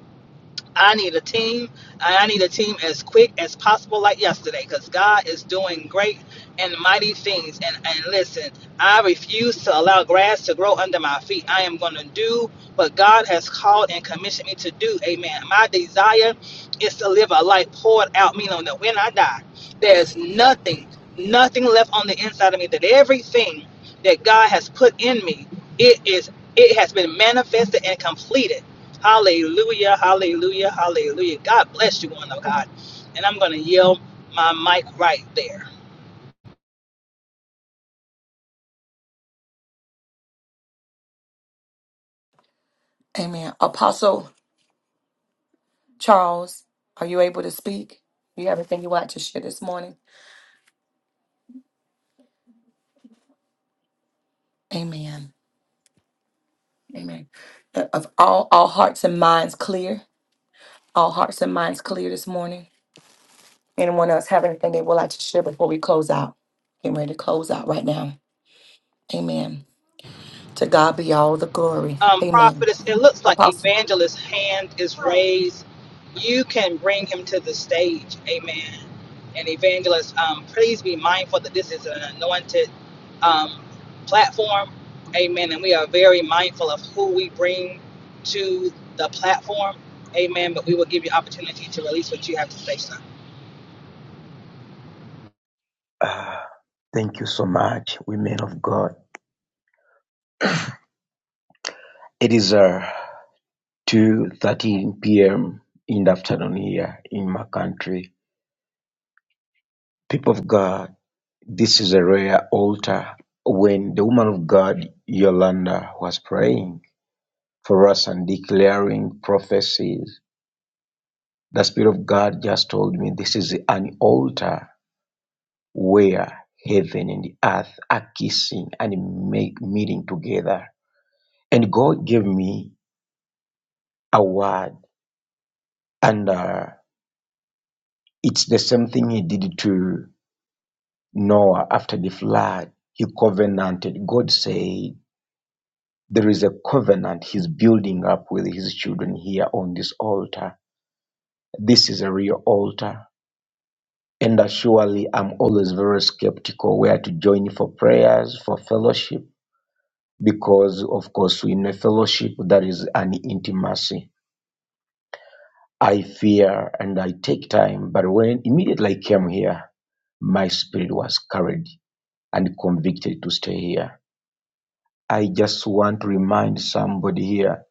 I need a team. and I need a team as quick as possible, like yesterday, because God is doing great and mighty things. And, and listen, I refuse to allow grass to grow under my feet. I am going to do what God has called and commissioned me to do. Amen. My desire is to live a life poured out, meaning that when I die, there's nothing, nothing left on the inside of me, that everything that God has put in me, it is. It has been manifested and completed Hallelujah, hallelujah, hallelujah. God bless you, one of God. And I'm going to yell my mic right there. Amen. Apostle Charles, are you able to speak? You have anything you want to share this morning? Amen. Amen. Uh, Of all, all hearts and minds clear, all hearts and minds clear this morning. Anyone else have anything they would like to share before we close out? Getting ready to close out right now. Amen. To God be all the glory. Um, Amen. prophetess, it looks like Apostle. evangelist's hand is raised. You can bring him to the stage. Amen. And evangelist, um, please be mindful that this is an anointed um, platform. Amen. And we are very mindful of who we bring to the platform. Amen. But we will give you opportunity to release what you have to say, sir. Ah, thank you so much, women of God. It is uh, 2.13 p.m. in the afternoon here in my country. People of God, this is a rare altar when the woman of God, Yolanda, was praying for us and declaring prophecies. The Spirit of God just told me this is an altar where heaven and earth are kissing and make, meeting together. And God gave me a word And uh, it's the same thing he did to Noah after the flood. He covenanted. God said, There is a covenant he's building up with his children here on this altar. This is a real altar. And uh, surely I'm always very skeptical where to join for prayers, for fellowship, because of course in a fellowship that is an intimacy. I fear and I take time, but when immediately I came here, my spirit was carried and convicted to stay here. I just want to remind somebody here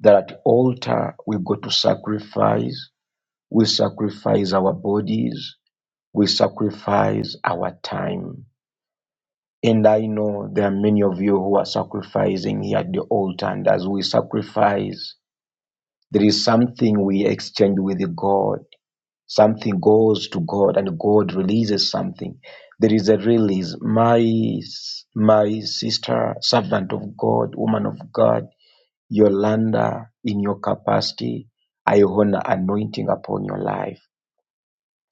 that at altar we go to sacrifice. We sacrifice our bodies. We sacrifice our time. And I know there are many of you who are sacrificing here at the altar. And as we sacrifice, there is something we exchange with God. Something goes to God and God releases something. There is a release. My, my sister, servant of God, woman of God, Yolanda, in your capacity, I honor anointing upon your life.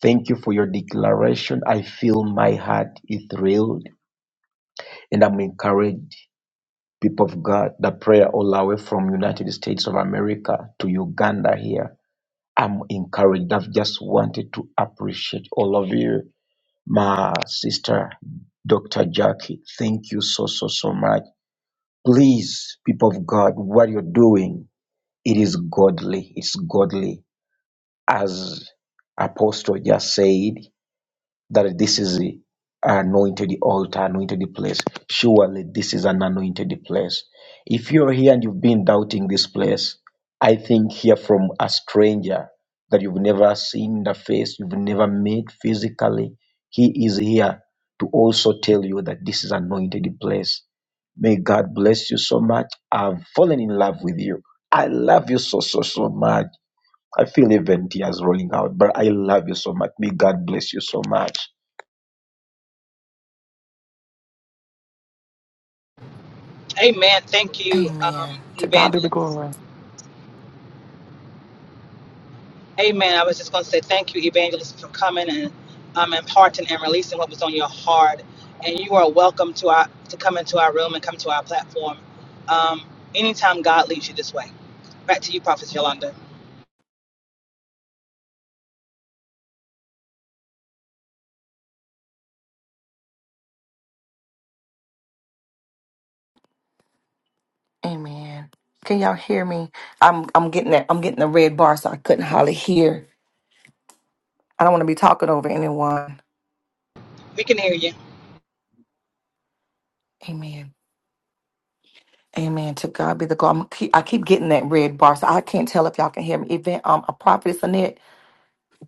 Thank you for your declaration. I feel my heart is thrilled and I'm encouraged, people of God, the prayer all the way from United States of America to Uganda here. I'm encouraged. I've just wanted to appreciate all of you my sister, Dr. Jackie. Thank you so, so, so much. Please, people of God, what you're doing, it is godly. It's godly. As Apostle just said, that this is an anointed altar, anointed place. Surely this is an anointed place. If you're here and you've been doubting this place, I think hear from a stranger that you've never seen the face, you've never met physically. He is here to also tell you that this is anointed place. May God bless you so much. I've fallen in love with you. I love you so, so, so much. I feel even tears rolling out, but I love you so much. May God bless you so much. Amen. Thank you, um, Amen. To God be the Evangelist. glory. Amen. I was just going to say thank you, Evangelist, for coming and um, imparting and releasing what was on your heart. And you are welcome to our to come into our room and come to our platform um, anytime God leads you this way. Back to you, Prophet Yolanda. Amen. Can y'all hear me? I'm I'm getting that I'm getting the red bar, so I couldn't hardly hear. I don't want to be talking over anyone. We can hear you. Amen. Amen. To God be the glory. I'm keep, I keep getting that red bar, so I can't tell if y'all can hear me. Even um a prophetess in it.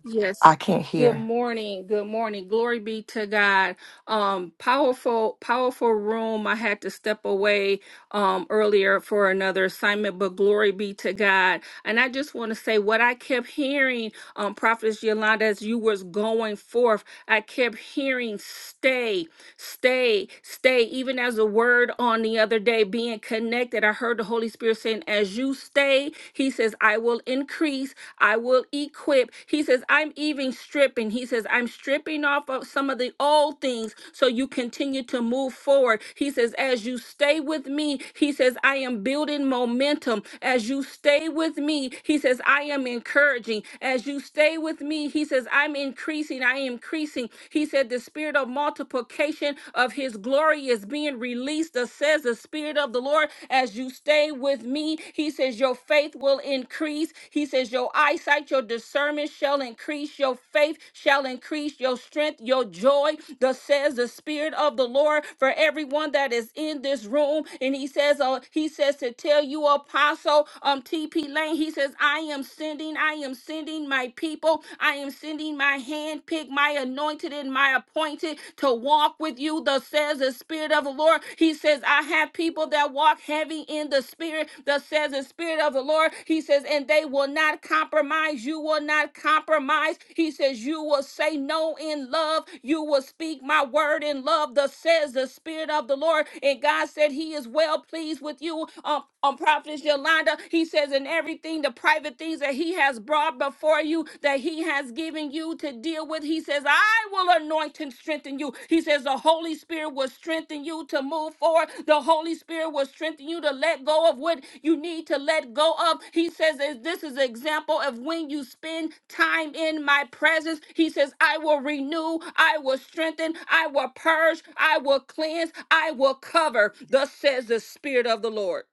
Yes. I can't Good hear. morning. Good morning. Glory be to God. Um powerful powerful room. I had to step away um earlier for another assignment, but glory be to God. And I just want to say what I kept hearing um Prophetess Yolanda as you was going forth, I kept hearing stay, stay, stay even as a word on the other day being connected. I heard the Holy Spirit saying as you stay, he says I will increase I will equip. He says, I'm even stripping. He says, I'm stripping off of some of the old things so you continue to move forward. He says, as you stay with me, he says, I am building momentum. As you stay with me, he says, I am encouraging. As you stay with me, he says, I'm increasing. I am increasing. He said, the spirit of multiplication of his glory is being released, thus says the spirit of the Lord. Lord, as you stay with me, He says, Your faith will increase. He says, Your eyesight, your discernment shall increase. Your faith shall increase. Your strength, your joy, thus says the Spirit of the Lord for everyone that is in this room. And He says, uh, He says to tell you, Apostle um, TP Lane, He says, I am sending, I am sending my people. I am sending my handpicked, my anointed, and my appointed to walk with you, thus says the Spirit of the Lord. He says, I have people that walk heavy in the Spirit, thus says the Spirit of the Lord. He says, and they will not compromise. You will not compromise. He says, you will say no in love. You will speak my word in love, thus says the Spirit of the Lord. And God said, He is well pleased with you. Um, on Prophetess Yolanda, He says, in everything, the private things that He has brought before are for you that He has given you to deal with. He says, I will anoint and strengthen you. He says, The Holy Spirit will strengthen you to move forward. The Holy Spirit will strengthen you to let go of what you need to let go of. He says, This is an example of when you spend time in my presence. He says, I will renew, I will strengthen, I will purge, I will cleanse, I will cover. Thus says the Spirit of the Lord.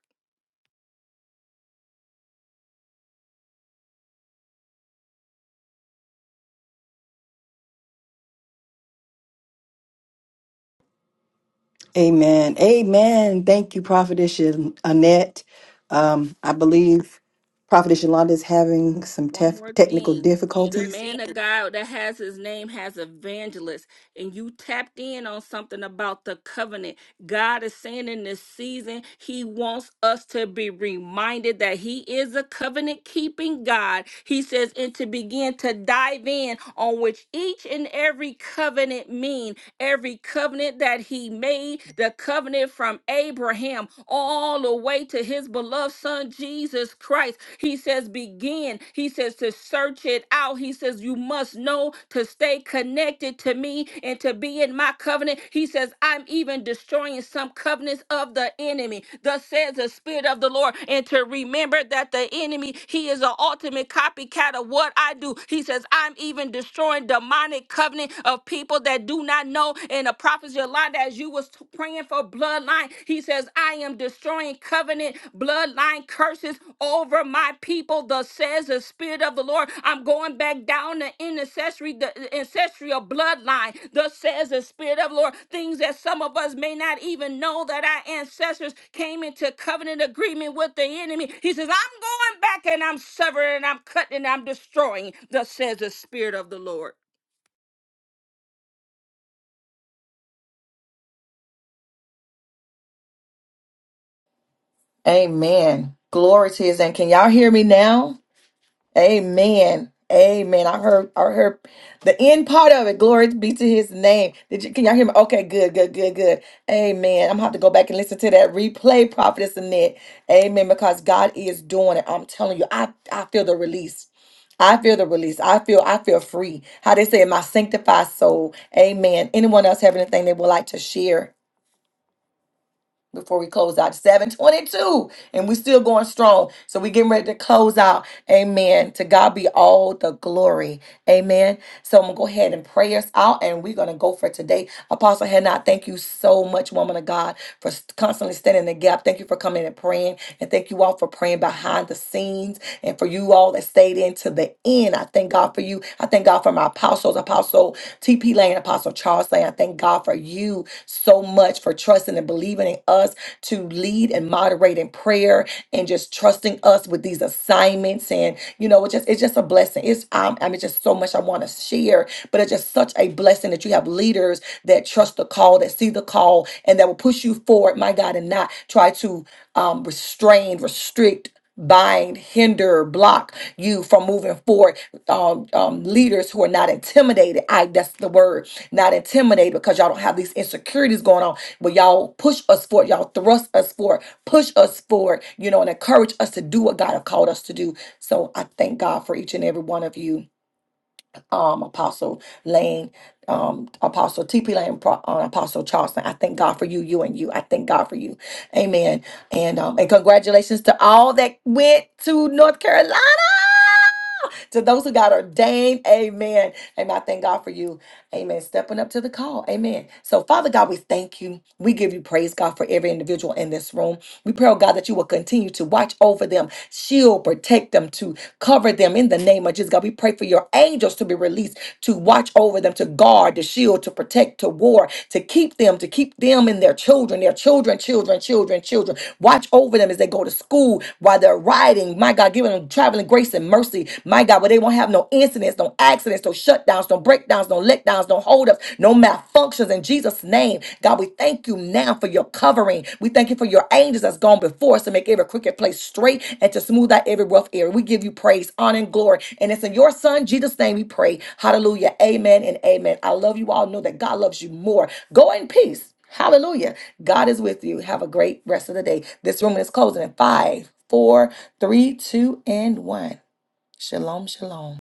Amen. Amen. Thank you, Prophetess Annette. Um, I believe Prophetess Yolanda is having some One tef- more technical thing. The difficulties. man of God that has his name has evangelist, and you tapped in on something about the covenant. God is saying in this season, He wants us to be reminded that He is a covenant keeping God. He says, and to begin to dive in on which each and every covenant mean, every covenant that He made, the covenant from Abraham all the way to His beloved Son Jesus Christ. He says, begin. He says to search it out out. He says, You must know to stay connected to me and to be in my covenant. He says, I'm even destroying some covenants of the enemy. Thus says the Spirit of the Lord. And to remember that the enemy, he is an ultimate copycat of what I do. He says, I'm even destroying demonic covenant of people that do not know. And the prophet's line as you was praying for bloodline, he says, I I am destroying covenant bloodline curses over my people, thus says the Spirit of the Lord. I'm going back down the intercessory, the ancestral bloodline, thus says the Spirit of the Lord. Things that some of us may not even know that our ancestors came into covenant agreement with the enemy. He says, I'm going back and I'm severing and I'm cutting and I'm destroying, thus says the Spirit of the Lord. Amen. Glory to his name. Can y'all hear me now? Amen. Amen. I heard I heard the end part of it. Glory be to his name. Did you can y'all hear me? Okay, good, good, good, good. Amen. I'm gonna have to go back and listen to that replay, Prophetess Annette. Amen. Because God is doing it. I'm telling you, I, I feel the release. I feel the release. I feel I feel free. How they say it, my sanctified soul. Amen. Anyone else have anything they would like to share? before we close out 722 and we're still going strong so we're getting ready to close out amen to god be all the glory amen so i'm gonna go ahead and pray us out and we're gonna go for today apostle hannah thank you so much woman of god for s- constantly standing in the gap thank you for coming and praying and thank you all for praying behind the scenes and for you all that stayed in to the end i thank god for you i thank god for my apostles apostle TP Lane, Apostle Charles Lane, I thank God for you so much for trusting and believing in us to lead and moderate in prayer and just trusting us with these assignments. And, you know, it's just, it's just a blessing. It's, um, I mean, just so much I want to share, but it's just such a blessing that you have leaders that trust the call, that see the call, and that will push you forward, my God, and not try to um, restrain, restrict, bind, hinder, block you from moving forward um, um, leaders who are not intimidated. I that's the word, not intimidated, because y'all don't have these insecurities going on. But y'all push us forward, y'all thrust us forward, push us forward, you know, and encourage us to do what God have called us to do. So I thank God for each and every one of you um, Apostle Lane, um, Apostle TP Lane, Pro- uh, Apostle Charleston. I thank God for you, you and you. I thank God for you. Amen. And um, and congratulations to all that went to North Carolina. To those who got ordained, amen. Amen. I thank God for you. Amen. Stepping up to the call. Amen. So, Father God, we thank you. We give you praise, God, for every individual in this room. We pray, oh God, that you will continue to watch over them, shield, protect them, to Cover them in the name of Jesus, God. We pray for your angels to be released to watch over them, to guard, to shield, to protect, to war, to keep them, to keep them and their children, their children, children, children, children. Watch over them as they go to school while they're riding. My God, giving them traveling grace and mercy. My God, where they won't have no incidents, no accidents, no shutdowns, no breakdowns, no letdowns, no holdups, no malfunctions in Jesus' name. God, we thank you now for your covering. We thank you for your angels that's gone before us to make every crooked place straight and to smooth out every rough area. We give you praise, honor, and glory. And it's in your son, Jesus' name, we pray. Hallelujah. Amen and amen. I love you all. Know that God loves you more. Go in peace. Hallelujah. God is with you. Have a great rest of the day. This room is closing in five, four, three, two, and one. Shalom, shalom.